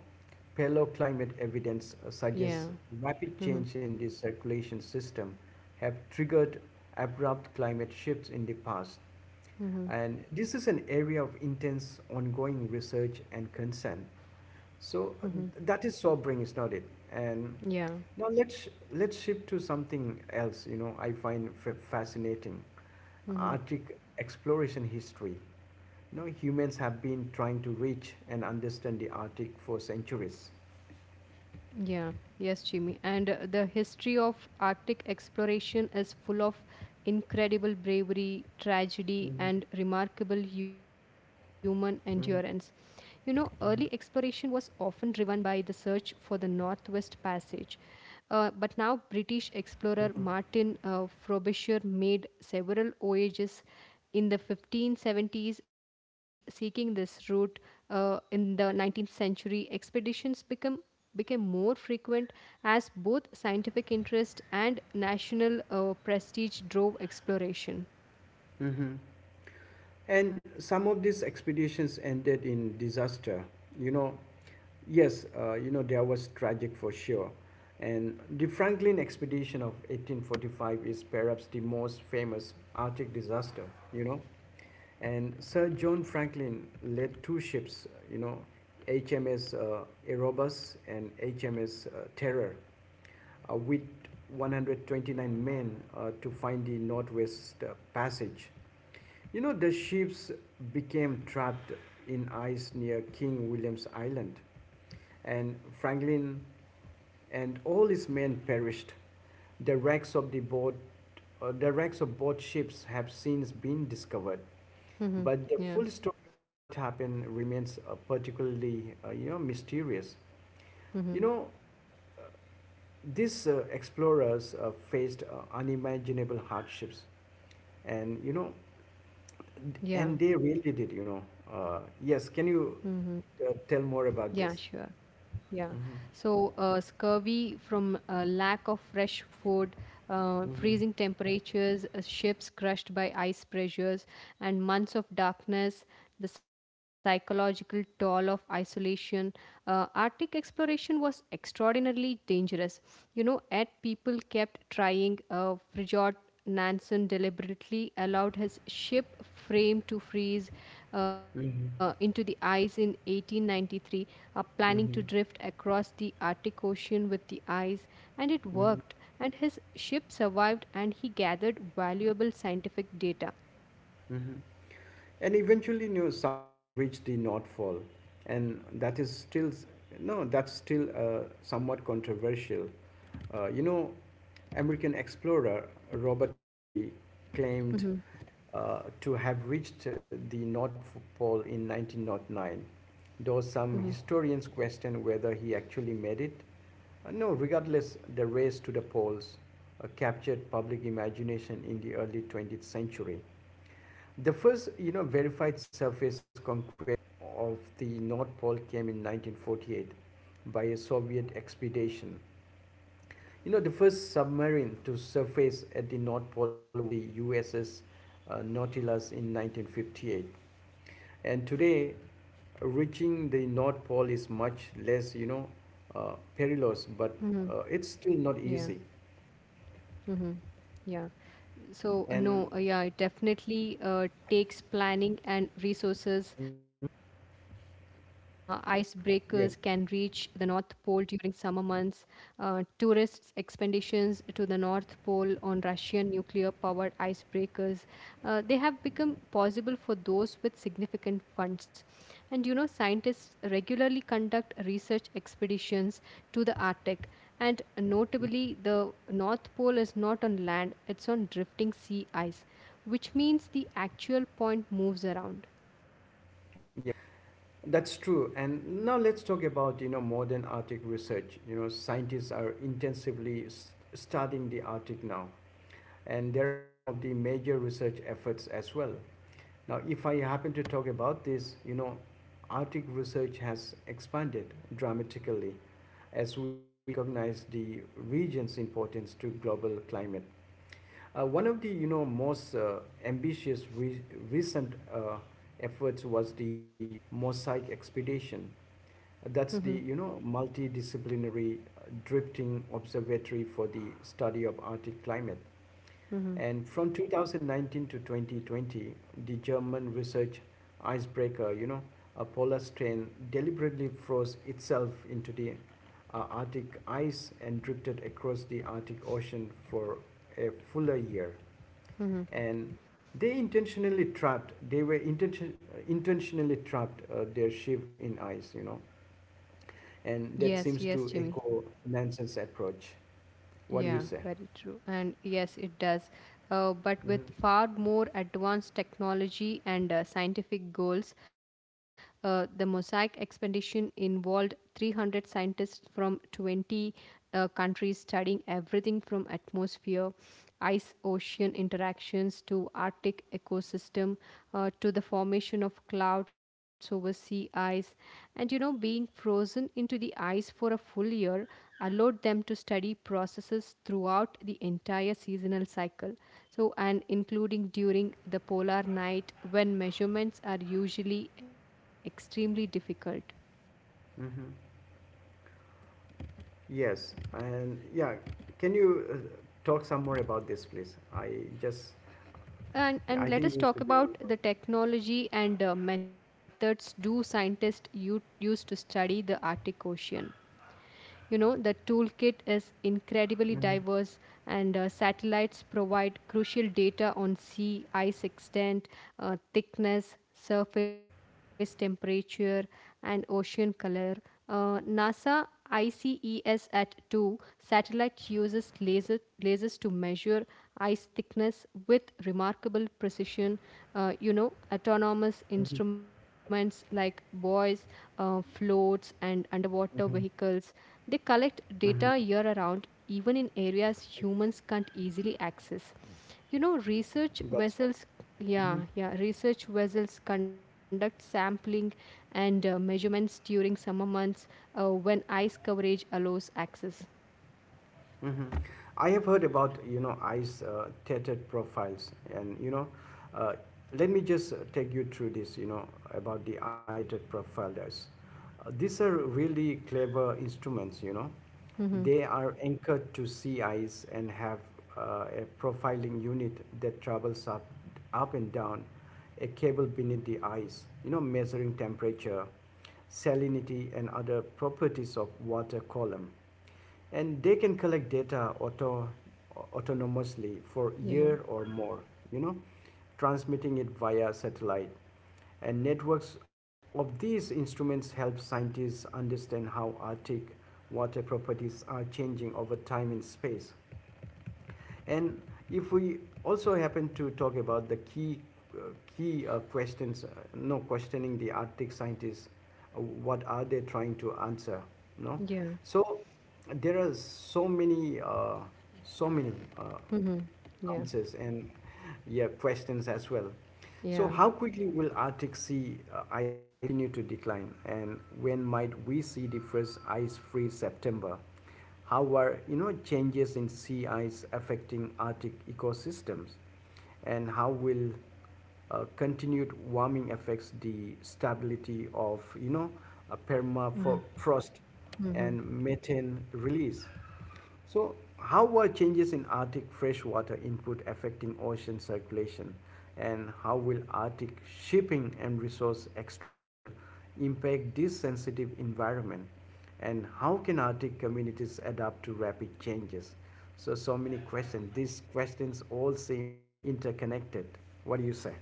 S1: paleoclimate evidence
S2: Yeah.
S1: suggests rapid
S2: Hmm.
S1: change in the circulation system have triggered abrupt climate shifts in the past.
S2: Hmm.
S1: And this is an area of intense ongoing research and concern.
S2: Hmm.
S1: So uh, that is sobering, is not it? And
S2: Yeah.
S1: now let's shift to something else. You know, I find fascinating
S2: Hmm.
S1: Arctic exploration history. You know, humans have been trying to reach and understand the Arctic for centuries.
S2: Yeah, yes, Jimmy. And the history of Arctic exploration is full of incredible bravery, tragedy,
S1: Hmm.
S2: and remarkable human endurance. You know, early exploration was often driven by the search for the Northwest Passage. But now, British explorer Martin Frobisher made several voyages in the 1570s seeking this route in the 19th century expeditions become became more frequent as both scientific interest and national prestige drove exploration.
S1: And some of these expeditions ended in disaster. You know, yes, you know, there was tragic for sure. And the Franklin expedition of 1845 is perhaps the most famous Arctic disaster, you know. And Sir John Franklin led two ships, you know, HMS Erebus and HMS Terror, with 129 men to find the Northwest Passage. You know, the ships became trapped in ice near King William's Island, and Franklin and all his men perished. The wrecks of the boat, the wrecks of both ships have since been discovered,
S2: Mm-hmm.
S1: but the full
S2: Yeah.
S1: story of what happened remains you know, mysterious.
S2: Mm-hmm.
S1: You know, these explorers faced unimaginable hardships, and you know, and
S2: Yeah.
S1: they really did, you know. Yes,
S2: Mm-hmm.
S1: can you tell
S2: Yeah,
S1: more
S2: sure.
S1: about this?
S2: Yeah.
S1: Mhm,
S2: So, scurvy from lack of fresh food, freezing temperatures, ships crushed by ice pressures, and months of darkness, the psychological toll of isolation. Arctic exploration was extraordinarily dangerous. You know, yet people kept trying. Nansen deliberately allowed his ship frame to freeze into
S1: mhm,
S2: the ice in 1893, planning to drift
S1: mhm,
S2: across the Arctic Ocean with the ice, and it
S1: mhm.
S2: worked. And his ship survived, and he gathered valuable scientific data.
S1: Mhm. And eventually, you know, someone reached the North Pole, and that is still no, that's still somewhat controversial. You know, American explorer Robert Perry claimed
S2: Mm-hmm,
S1: to have reached the North Pole in 1909, though
S2: mm-hmm,
S1: some historians question whether he actually made it. No, Regardless, the race to the polls captured public imagination in the early 20th century. The first, you know, verified surface conquest of the North Pole came in 1948 by a Soviet expedition. You know, the first submarine to surface at the North Pole was the USS Nautilus in 1958. And today, reaching the North Pole is much less,
S2: mm-hmm.
S1: perilous, but it's still
S2: Yeah.
S1: not easy.
S2: Mm-hmm. Yeah. So no,
S1: And
S2: yeah, it definitely takes planning and resources.
S1: hmm.
S2: Icebreakers can reach the North
S1: Yes.
S2: Pole during summer months. Tourists' expeditions to the North Pole on Russian nuclear-powered icebreakers, they have become possible for those with significant funds. And you know, scientists regularly conduct research expeditions to the Arctic. And notably, the North Pole is not on land, it's on drifting sea ice, which means the actual point moves around.
S1: Yeah, that's true. And now let's talk about, you know, modern Arctic research. You know, scientists are intensively studying the Arctic now, and there are some of the major research efforts as well. Now, if I happen to talk about this, you know, Arctic research has expanded dramatically as we have recognized the region's importance to global climate. One of the you know most ambitious re- recent efforts was the mosaic expedition.
S2: Mm-hmm,
S1: That's the you know multidisciplinary drifting observatory for the study of Arctic climate.
S2: mm-hmm.
S1: And from 2019 to 2020, the German research icebreaker, you know, a polar strain deliberately froze itself into the Arctic ice and drifted across the Arctic Ocean for a fuller year, and they intentionally trapped they were intention, intentionally trapped their ship in ice, you know, and that
S2: Yes,
S1: seems
S2: yes,
S1: to
S2: Jimmy.
S1: echo manson's approach. What do you
S2: Yeah,
S1: say?
S2: very true. And yes, it does. But
S1: Mm-hmm.
S2: with far more advanced technology and scientific goals, the Mosaic expedition involved 300 scientists from 20 countries studying everything from atmosphere ice ocean interactions to Arctic ecosystem to the formation of clouds over sea ice. And you know, being frozen into the ice for a full year allowed them to study processes throughout the entire seasonal cycle. So, and including during the polar night when measurements are usually extremely difficult.
S1: Mm-hmm. Yes, and yeah, can you talk some more about this please? Just
S2: Yeah, and
S1: I
S2: let
S1: think
S2: us
S1: you
S2: talk
S1: should be.
S2: about the technology and methods do scientists use to study the Arctic Ocean. You know, the toolkit is incredibly
S1: Mm-hmm.
S2: diverse, and satellites provide crucial data on sea ice extent, thickness, surface temperature, and ocean color. NASA ICESat at 2 satellite uses lasers to measure ice thickness with remarkable precision. You know, autonomous
S1: Mm-hmm.
S2: instruments like buoys, floats, and underwater vehicles. They collect data
S1: Mm-hmm.
S2: year around, even in areas humans can't easily access. You know, research
S1: That's all.
S2: vessels, yeah, yeah, research vessels conduct sampling and measurements during summer months when ice coverage allows access.
S1: Hmm. I have heard about you know eyes tattooed profiles, and you know, uh, let me just take you through this. You know about the eyes tethered profilers. These are really clever instruments. You know,
S2: Hmm.
S1: they are anchored to sea ice and have a profiling unit that travels up and down a cable beneath the ice, you know, measuring temperature, salinity, and other properties of water column, and they can collect data autonomously for a
S2: Yeah,
S1: year or more, you know, transmitting it via satellite, and networks of these instruments help scientists understand how Arctic water properties are changing over time in space. And if we also happen to talk about the key uh, key questions, no, questioning the Arctic scientists, what are they trying to answer? No,
S2: yeah,
S1: so there are so many uh,
S2: hmm, yeah.
S1: answers and, yeah, questions as well. So,
S2: Yeah.
S1: how quickly will Arctic sea ice continue to decline, and when might we see the first ice-free September? How are, you know, changes in sea ice affecting Arctic ecosystems, and how will continued warming affects the stability of, you know, a
S2: Hmm.
S1: permafrost
S2: Hmm.
S1: and methane release? So, how are changes in Arctic freshwater input affecting ocean circulation, and how will Arctic shipping and resource extraction impact this sensitive environment? And how can Arctic communities adapt to rapid changes? So, so many questions. These questions all seem interconnected. What do you say?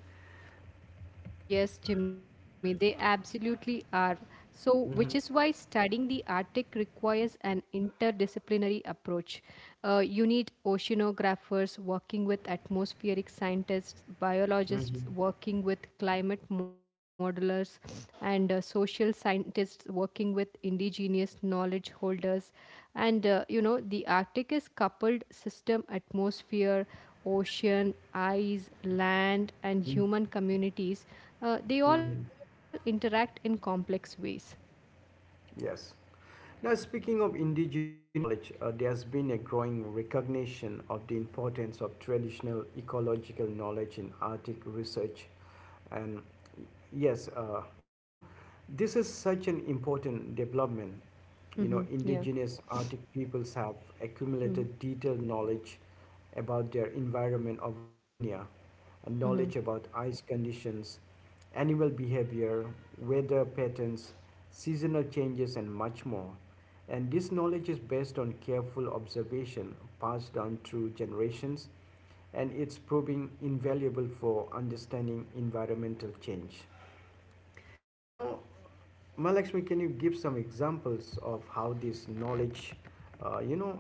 S2: Yes, Jimmy, they absolutely are. So,
S1: Hmm.
S2: which is why studying the Arctic requires an interdisciplinary approach. You need oceanographers working with atmospheric scientists,
S1: Hmm.
S2: biologists working with climate modelers, and social scientists working with indigenous knowledge holders. And you know, the Arctic is coupled system atmosphere ocean, ice, land, and human communities, they all
S1: Hmm.
S2: interact in complex ways.
S1: Yes. Now, speaking of indigenous knowledge, there's been a growing recognition of the importance of traditional ecological knowledge in Arctic research. And yes, you know, this is such an important development. You know,
S2: Mhm. Yeah.
S1: indigenous Arctic peoples have
S2: Mhm.
S1: accumulated detailed knowledge about their environment over millennia, and knowledge about ice conditions, animal behavior, weather patterns, seasonal changes, and much more. And this knowledge is based on careful observation passed down through generations, and it's proving invaluable for understanding environmental change. Now, Malakshmi, can you give some examples of how this knowledge, uh, you know,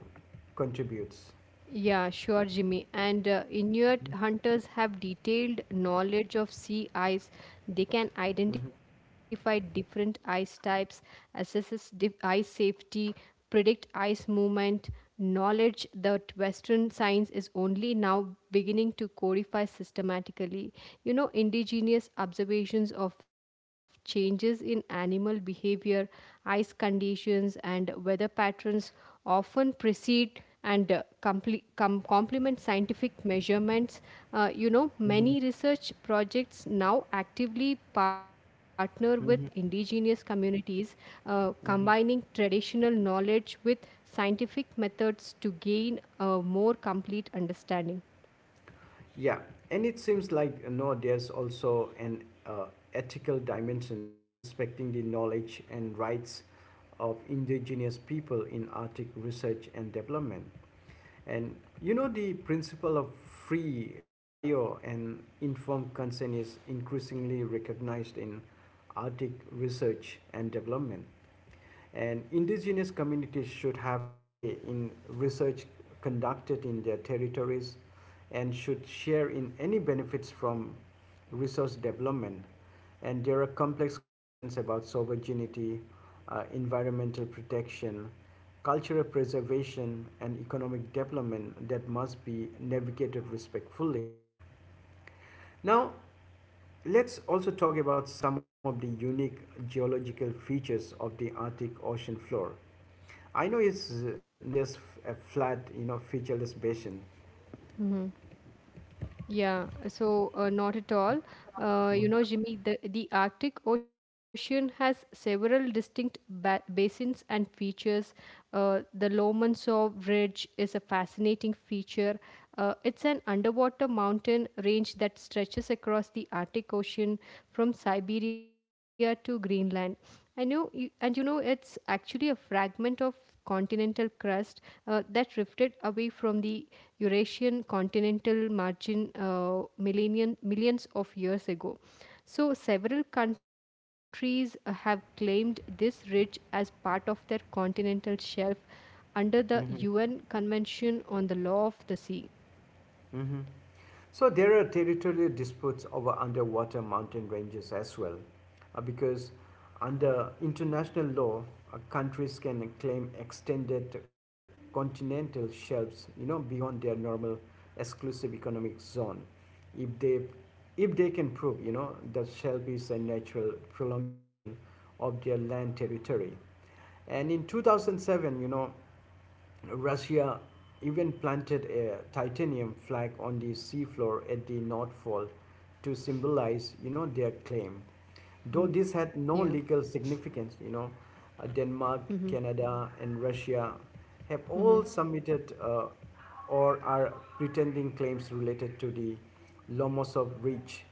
S1: contributes?
S2: Yeah, sure, Jimmy. And Inuit hunters have detailed knowledge of sea ice. They can
S1: Mhm,
S2: identify different ice types, assess ice safety, predict ice movement. Knowledge that Western science is only now beginning to codify systematically. You know, indigenous observations of changes in animal behavior, ice conditions, and weather patterns often precede and complement scientific measurements. You know,
S1: mhm,
S2: many research projects now actively partner with
S1: mhm,
S2: indigenous communities, combining
S1: mhm.
S2: traditional knowledge with scientific methods to gain a more complete understanding.
S1: Yeah, and it seems like, there's also an ethical dimension, respecting the knowledge and rights of indigenous people in Arctic research and development. And, the principle of free, prior, and informed consent is increasingly recognized in Arctic research and development. And indigenous communities should have a say in research conducted in their territories and should share in any benefits from resource development. And there are complex questions about sovereignty, environmental protection, cultural preservation, and economic development that must be navigated respectfully. Now, let's also talk about some of the unique geological features of the Arctic ocean floor. I know it's not just a flat, you know, featureless basin.
S2: Yeah, so not at all. You know, Jimmy, the Arctic Ocean has several distinct ba basins and features. The Lomonosov Ridge is a fascinating feature. It's an underwater mountain range that stretches across the Arctic Ocean from Siberia to Greenland. I know, you, and You know, it's actually a fragment of continental crust that drifted away from the Eurasian continental margin millions of years ago. So, several countries have claimed this ridge as part of their continental shelf under the UN Convention on the Law of the Sea.
S1: Mm-hmm. So there are territorial disputes over underwater mountain ranges as well, because under international law, countries can claim extended continental shelves, you know, beyond their normal exclusive economic zone, if they if they can prove, you know, that shelf is a natural prolongation of their land territory. And in 2007, you know, Russia even planted a titanium flag on the seafloor at the North Pole to symbolize, you know, their claim. Though
S2: Yeah.
S1: this had no legal significance, you know,
S2: Mm-hmm.
S1: Denmark, Canada, and Russia have
S2: Mm-hmm.
S1: all submitted or are pretending claims related to the Lomonosov Ridge.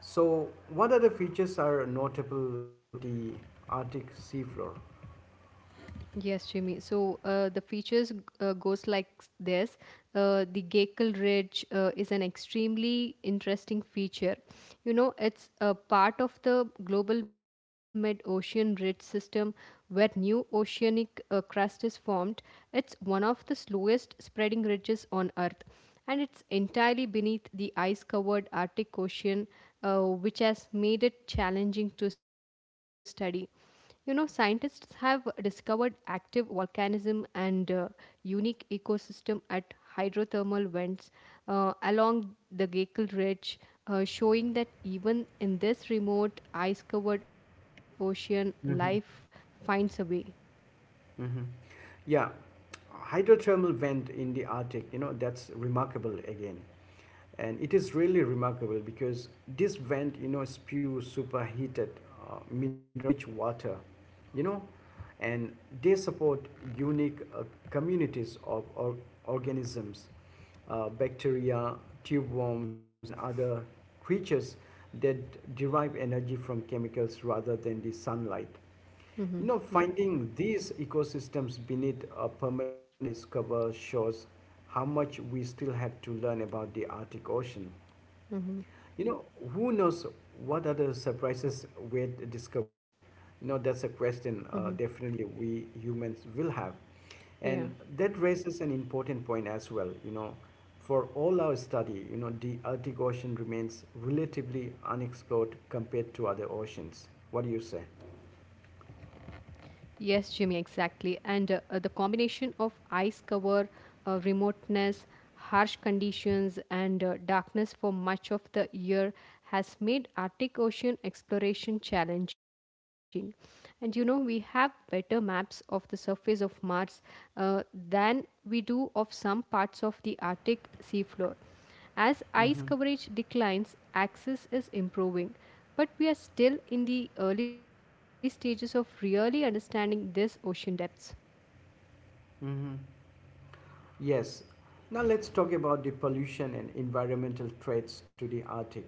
S1: So, what other features are notable on the Arctic seafloor?
S2: Yes, Jimmy. So the features goes like this. The Gakel Ridge is an extremely interesting feature. You know, it's a part of the global mid-ocean ridge system where new oceanic crust is formed. It's one of the slowest spreading ridges on Earth, and it's entirely beneath the ice-covered Arctic Ocean, which has made it challenging to study. You know, scientists have discovered active volcanism and unique ecosystem at hydrothermal vents along the Gakel Ridge, showing that even in this remote ice-covered ocean, life finds a way.
S1: Mm-hmm. Yeah, hydrothermal vent in the Arctic, you know, that's remarkable again. And it is really remarkable because this vent, you know, spews superheated mineral rich water, you know, and they support unique communities of organisms, bacteria, tube worms, and other creatures that derive energy from chemicals rather than the sunlight. You
S2: Hmm.
S1: know,
S2: Yeah.
S1: finding these ecosystems beneath a permanent ice cover shows how much we still have to learn about the Arctic Ocean.
S2: Hmm.
S1: You know, who knows what other surprises wait discovery? You know, that's a
S2: Hmm.
S1: question, definitely we humans will have.
S2: Yeah.
S1: And that raises an important point as well. You know, for all our study, you know, the Arctic Ocean remains relatively unexplored compared to other oceans. What do you say?
S2: Yes, Jimmy, exactly. And the combination of ice cover, remoteness, harsh conditions, and darkness for much of the year has made Arctic Ocean exploration challenging. And you know, we have better maps of the surface of Mars uh, than we do of some parts of the Arctic seafloor. As ice
S1: Mm-hmm.
S2: coverage declines, access is improving, but we are still in the early stages of really understanding this ocean depths.
S1: Mm-hmm. Yes. Now let's talk about the pollution and environmental threats to the Arctic.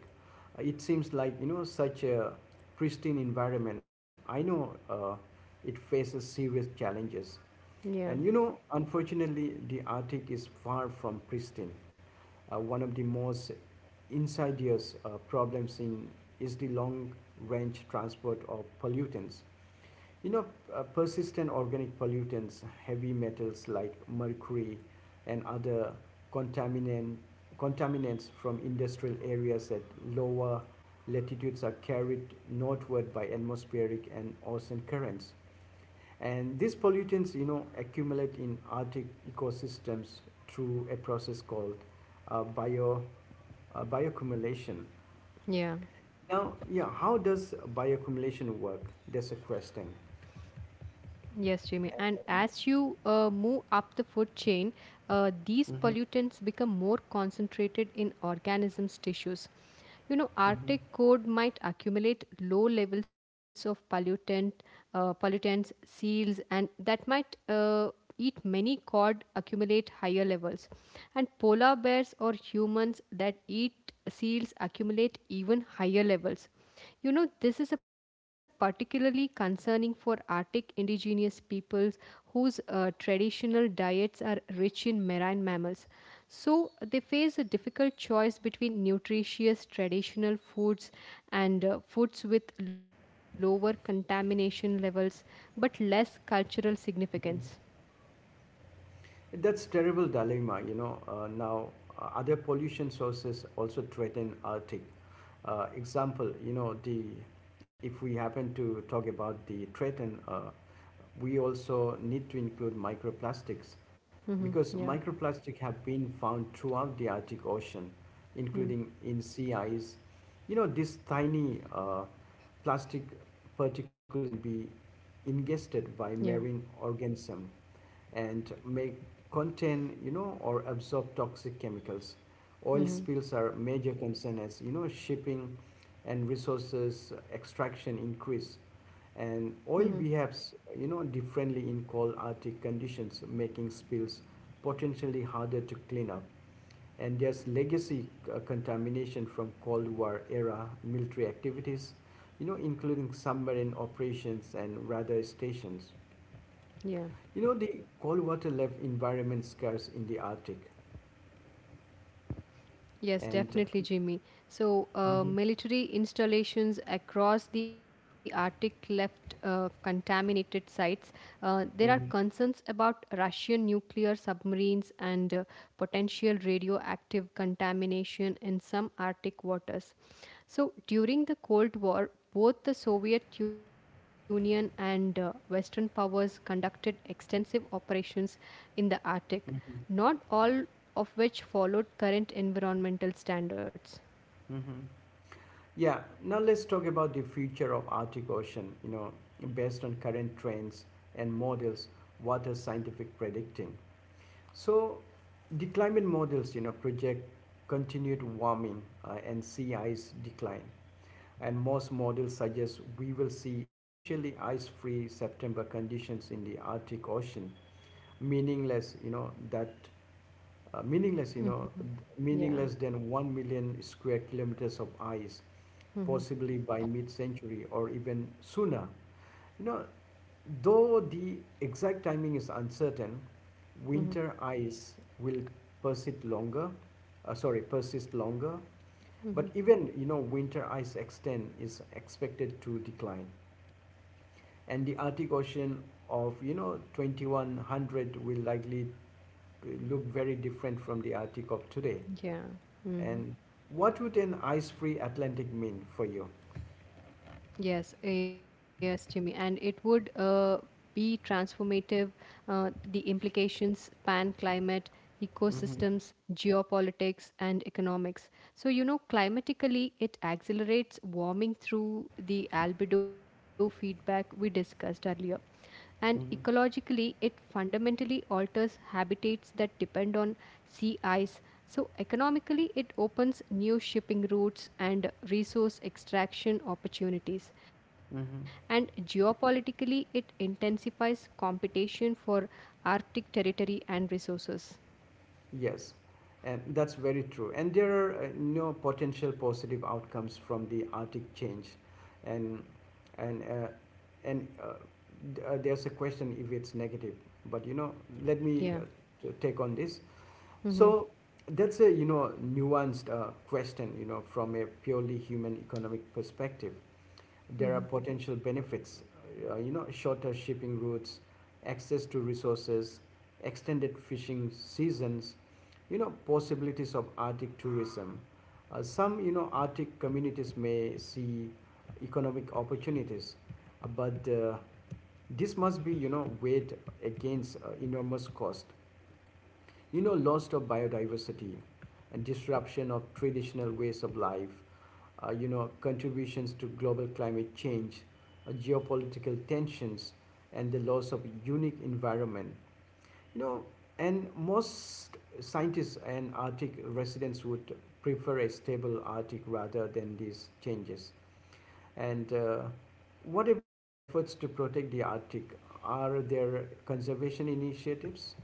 S1: It seems like, you know, such a pristine environment, but I know, it faces serious challenges.
S2: Yeah,
S1: And, you know, unfortunately, the Arctic is far from pristine. One of the most insidious problems in is the long range transport of pollutants. You know, persistent organic pollutants, heavy metals like mercury and other contaminant, contaminants from industrial areas at lower latitudes are carried northward by atmospheric and ocean currents. And these pollutants, you know, accumulate in Arctic ecosystems through a process called uh, bio, bioaccumulation.
S2: yeah.
S1: Now, yeah, how does bioaccumulation work? That's a question.
S2: Yes, Jamie. And as you move up the food chain, these
S1: Hmm.
S2: pollutants become more concentrated in organisms' tissues. You know,
S1: Hmm.
S2: Arctic cod might accumulate low levels of pollutants, seals, and that might eat many cod accumulate higher levels. And polar bears or humans that eat seals accumulate even higher levels. You know, this is a particularly concerning for Arctic indigenous peoples whose traditional diets are rich in marine mammals. So they face a difficult choice between nutritious traditional foods and foods with lower contamination levels but less cultural significance.
S1: That's terrible dilemma, you know. Now, other pollution sources also threaten Arctic. Example, you know, the if we happen to talk about the threaten, we also need to include microplastics
S2: Hmm.
S1: because
S2: Yeah.
S1: microplastic have been found throughout the Arctic Ocean,
S2: Mm.
S1: including in sea ice. You know, these tiny plastic particles can be
S2: Yeah.
S1: ingested by marine organism and may contain, you know, or absorb toxic chemicals. Oil
S2: Hmm.
S1: spills are a major concern, as you know, shipping and resources extraction increase,
S2: Hmm.
S1: and oil behaves, you know, differently in cold Arctic conditions, making spills potentially harder to clean up. And there's legacy contamination from cold war era military activities, you know, including submarine operations and radar stations,
S2: Yeah.
S1: you know, the cold water left environment scarce in the Arctic.
S2: Yes,
S1: And
S2: definitely, Jimmy. So,
S1: mhm,
S2: military installations across the Arctic left contaminated sites. There are
S1: mhm,
S2: concerns about Russian nuclear submarines and potential radioactive contamination in some Arctic waters. So, during the Cold War, both the Soviet Union and Western powers conducted extensive operations in the Arctic, not all of which followed current environmental standards.
S1: mhm. Yeah, now let's talk about the future of Arctic Ocean. You know, based on current trends and models, what are scientific predicting? So, the climate models, you know, project continued warming and sea ice decline. And most models suggest we will see essentially ice-free September conditions in the Arctic Ocean, meaningless, you know, that meaningless, you know,
S2: Mhm.
S1: meaningless
S2: Yeah.
S1: than 1 million square kilometers of ice, possibly
S2: Mhm.
S1: by mid century or even sooner. You know, though the exact timing is uncertain, winter ice will persist longer, persist longer. But even, you know, winter ice extent is expected to decline. And the Arctic Ocean of, you know, 2100 will likely look very different from the Arctic of today.
S2: Yeah.
S1: And
S2: Mhm.
S1: what would an ice free Atlantic mean for you?
S2: Yes. Yes, Jimmy. And it would be transformative. The implications span climate,
S1: Mm-hmm.
S2: ecosystems, geopolitics, and economics. So, you know, climatically, it accelerates warming through the albedo feedback we discussed earlier. And
S1: Mm-hmm.
S2: ecologically, it fundamentally alters habitats that depend on sea ice. So, economically, it opens new shipping routes and resource extraction opportunities. And
S1: Mm-hmm.
S2: geopolitically, it intensifies competition for Arctic territory and resources.
S1: Yes, and that's very true. And there are no potential positive outcomes from the Arctic change, and and uh, and uh, there's a question if it's negative. But you know, let me
S2: Yeah.
S1: take on this.
S2: Hmm.
S1: So that's a, you know, nuanced question. You know, from a purely human economic perspective, there are potential benefits, you know, shorter shipping routes, access to resources, extended fishing seasons, you know, possibilities of Arctic tourism. Some, you know, Arctic communities may see economic opportunities, but this must be, you know, weighed against enormous cost. You know, loss of biodiversity and disruption of traditional ways of life, you know, contributions to global climate change, geopolitical tensions, and the loss of unique environment. You know, and most scientists and Arctic residents would prefer a stable Arctic rather than these changes. And what about efforts to protect the Arctic? Are there conservation initiatives?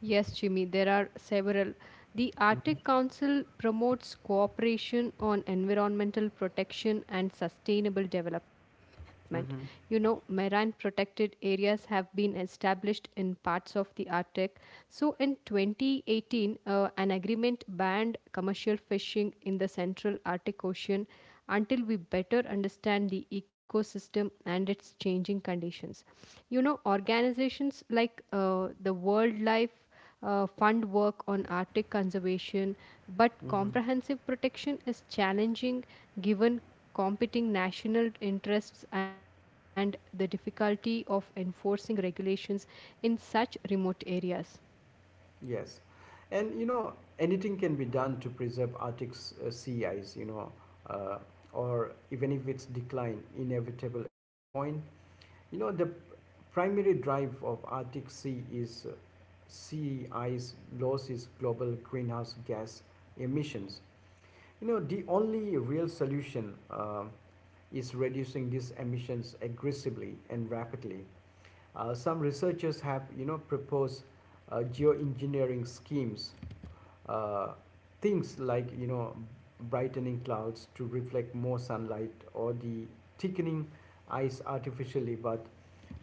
S2: Yes, Jimmy, there are several. The
S1: Mm-hmm.
S2: Arctic Council promotes cooperation on environmental protection and sustainable development. You know, marine protected areas have been established in parts of the Arctic. So, in 2018, an agreement banned commercial fishing in the central Arctic Ocean until we better understand the ecosystem and its changing conditions. You know, organizations like the Wildlife Fund work on Arctic conservation, but
S1: Mm-hmm.
S2: comprehensive protection is challenging given competing national interests and the difficulty of enforcing regulations in such remote areas.
S1: Yes, and, anything can be done to preserve Arctic's sea ice. You know, uh, or even if it's decline inevitable at this point. You know the primary drive of Arctic Sea is sea ice loss is global greenhouse gas emissions. You know the only real solution is reducing these emissions aggressively and rapidly. Some researchers have, you know, proposed geoengineering schemes, uh, things like, you know, brightening clouds to reflect more sunlight or the thickening ice artificially, but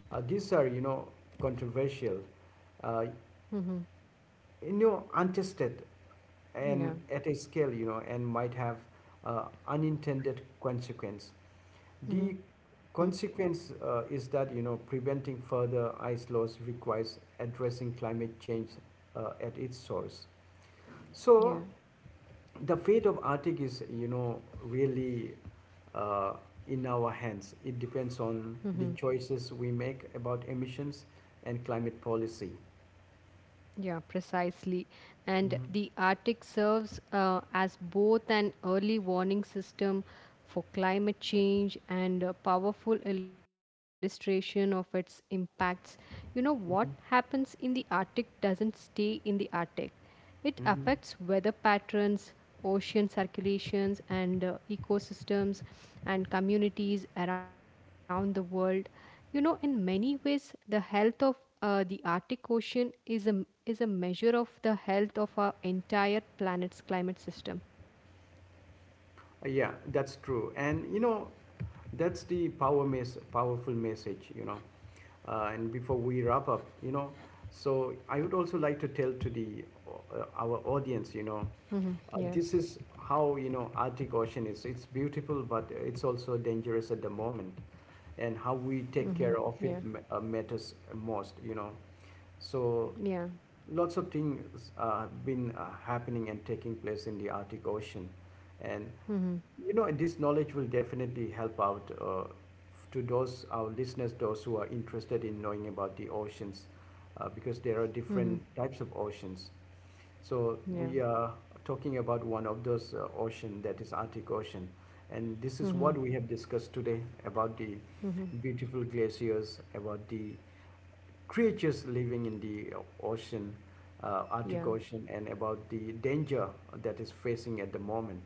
S1: these are, you know, controversial, uh,
S2: Mm-hmm.
S1: you know, untested
S2: Yeah.
S1: and at a scale, you know, and might have unintended consequence
S2: Mm-hmm.
S1: the consequence, is that, you know, preventing further ice loss requires addressing climate change at its source. So
S2: Yeah.
S1: the fate of Arctic is, you know, really, uh, in our hands. It depends on the choices we make about emissions and climate policy.
S2: Yeah, precisely. And
S1: Hmm.
S2: the Arctic serves as both an early warning system for climate change and a powerful illustration of its impacts. You know, what happens
S1: Hmm.
S2: in the Arctic doesn't stay in the Arctic. It affects
S1: Hmm.
S2: weather patterns, ocean circulations, and ecosystems and communities around the world. You know, in many ways, the health of the Arctic Ocean is a measure of the health of our entire planet's climate system.
S1: Yeah, that's true. And you know, that's the powerful message. You know, and before we wrap up, you know, so I would also like to tell to the our audience, you know,
S2: Mm-hmm. Yeah.
S1: this is how, you know, Arctic ocean is, it's beautiful, but it's also dangerous at the moment, and how
S2: Mm-hmm.
S1: we
S2: Yeah.
S1: take care of it matters most, you know.
S2: Yeah.
S1: So lots of things have been happening and taking place in the Arctic ocean, and,
S2: Mm-hmm.
S1: you know, this knowledge will definitely help out to those our listeners, those who are interested in knowing about the oceans, because there are
S2: Mm-hmm.
S1: different types of oceans. So
S2: Yeah.
S1: we are talking about one of those ocean, that is Arctic Ocean, and this is
S2: Mm-hmm.
S1: what we have discussed today about the
S2: Mm-hmm.
S1: beautiful glaciers, about the creatures living in the ocean,
S2: Yeah.
S1: Arctic Ocean, and about the danger that is facing at the moment.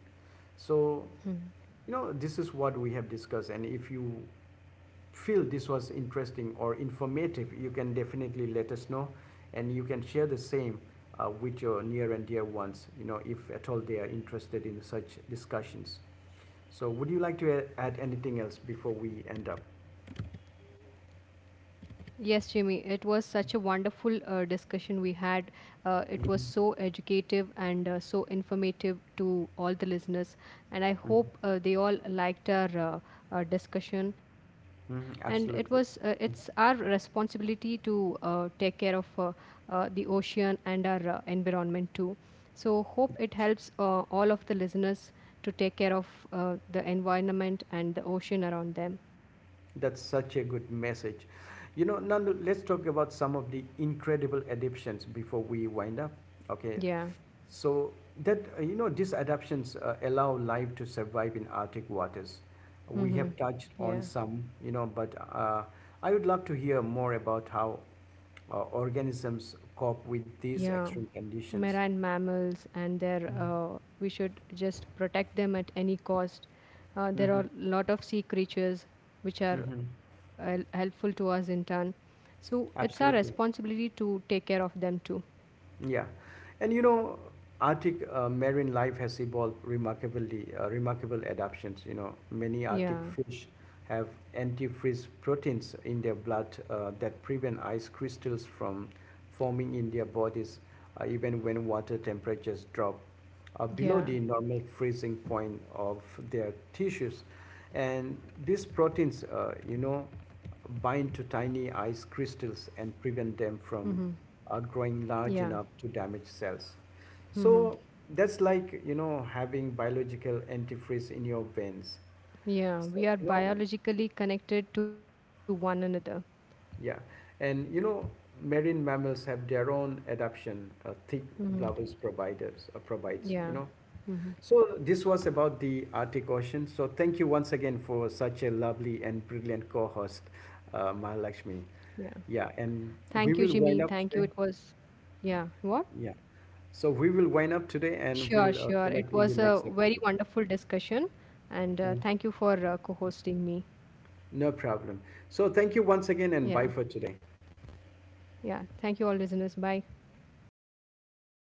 S1: So, you know, this is what we have discussed, and if you feel this was interesting or informative, you can definitely let us know, and you can share the same with your near and dear ones, you know, if at all they are interested in such discussions. So, would you like to add anything else before we end up?
S2: Yes, Jimmy, it was such a wonderful discussion we had. It was so
S1: Mhm.
S2: educative and so informative to all the listeners. And I hope they all liked our discussion. And it
S1: Mhm.
S2: was it's
S1: Absolutely.
S2: our responsibility to take care of the ocean and our environment too. So hope it
S1: That's,
S2: helps all of the listeners to take care of the environment and the ocean around them.
S1: that's such a good message. You know, Nandu, let's talk about some of the incredible adaptations before we wind up. Okay.
S2: Yeah.
S1: So that, you know, these adaptations allow life to survive in Arctic waters. We
S2: Mm-hmm.
S1: have touched on
S2: Yeah.
S1: some, you know, but I would love to hear more about how organisms cope with these
S2: Yeah,
S1: extreme conditions.
S2: marine mammals and their we should just protect them at any cost. There
S1: Mhm.
S2: are a lot of sea creatures which
S1: Hmm.
S2: are
S1: Hmm.
S2: helpful to us in turn. So it's our
S1: Absolutely.
S2: responsibility to take care of them too.
S1: Yeah, and you know, Arctic marine life has evolved remarkable adaptations. You know, many Arctic
S2: Yeah,
S1: fish have antifreeze proteins in their blood that prevent ice crystals from forming in their bodies, even when water temperatures drop below
S2: yeah,
S1: the normal freezing point of their tissues. And these proteins, you know, bind to tiny ice crystals and prevent them
S2: mm-hmm.
S1: from growing
S2: Yeah,
S1: large enough to damage cells.
S2: mm-hmm.
S1: So that's like, you know, having biological antifreeze in your veins.
S2: Yeah.
S1: So,
S2: We are
S1: you know,
S2: biologically connected to one another.
S1: yeah. And, you know, marine mammals have their own adaptation, thick
S2: Mm-hmm.
S1: provides, you
S2: Yeah,
S1: know.
S2: mm-hmm.
S1: So this was about the Arctic Ocean. So thank you once again for such a lovely and brilliant co-host,
S2: Yeah.
S1: Mahalakshmi. Yeah,
S2: Thank
S1: and
S2: you,
S1: we
S2: Jimmy.
S1: will
S2: Thank you.
S1: wind
S2: It
S1: up today.
S2: was, yeah. What?
S1: Yeah. So we will wind up today and
S2: Sure,
S1: we'll
S2: sure. It
S1: connect in the
S2: was a
S1: next
S2: very
S1: episode.
S2: wonderful discussion, and
S1: Mm.
S2: thank you for co-hosting me.
S1: No problem. So thank you
S2: Yeah,
S1: once again and bye for today.
S2: yeah. Thank you, all listeners. Bye.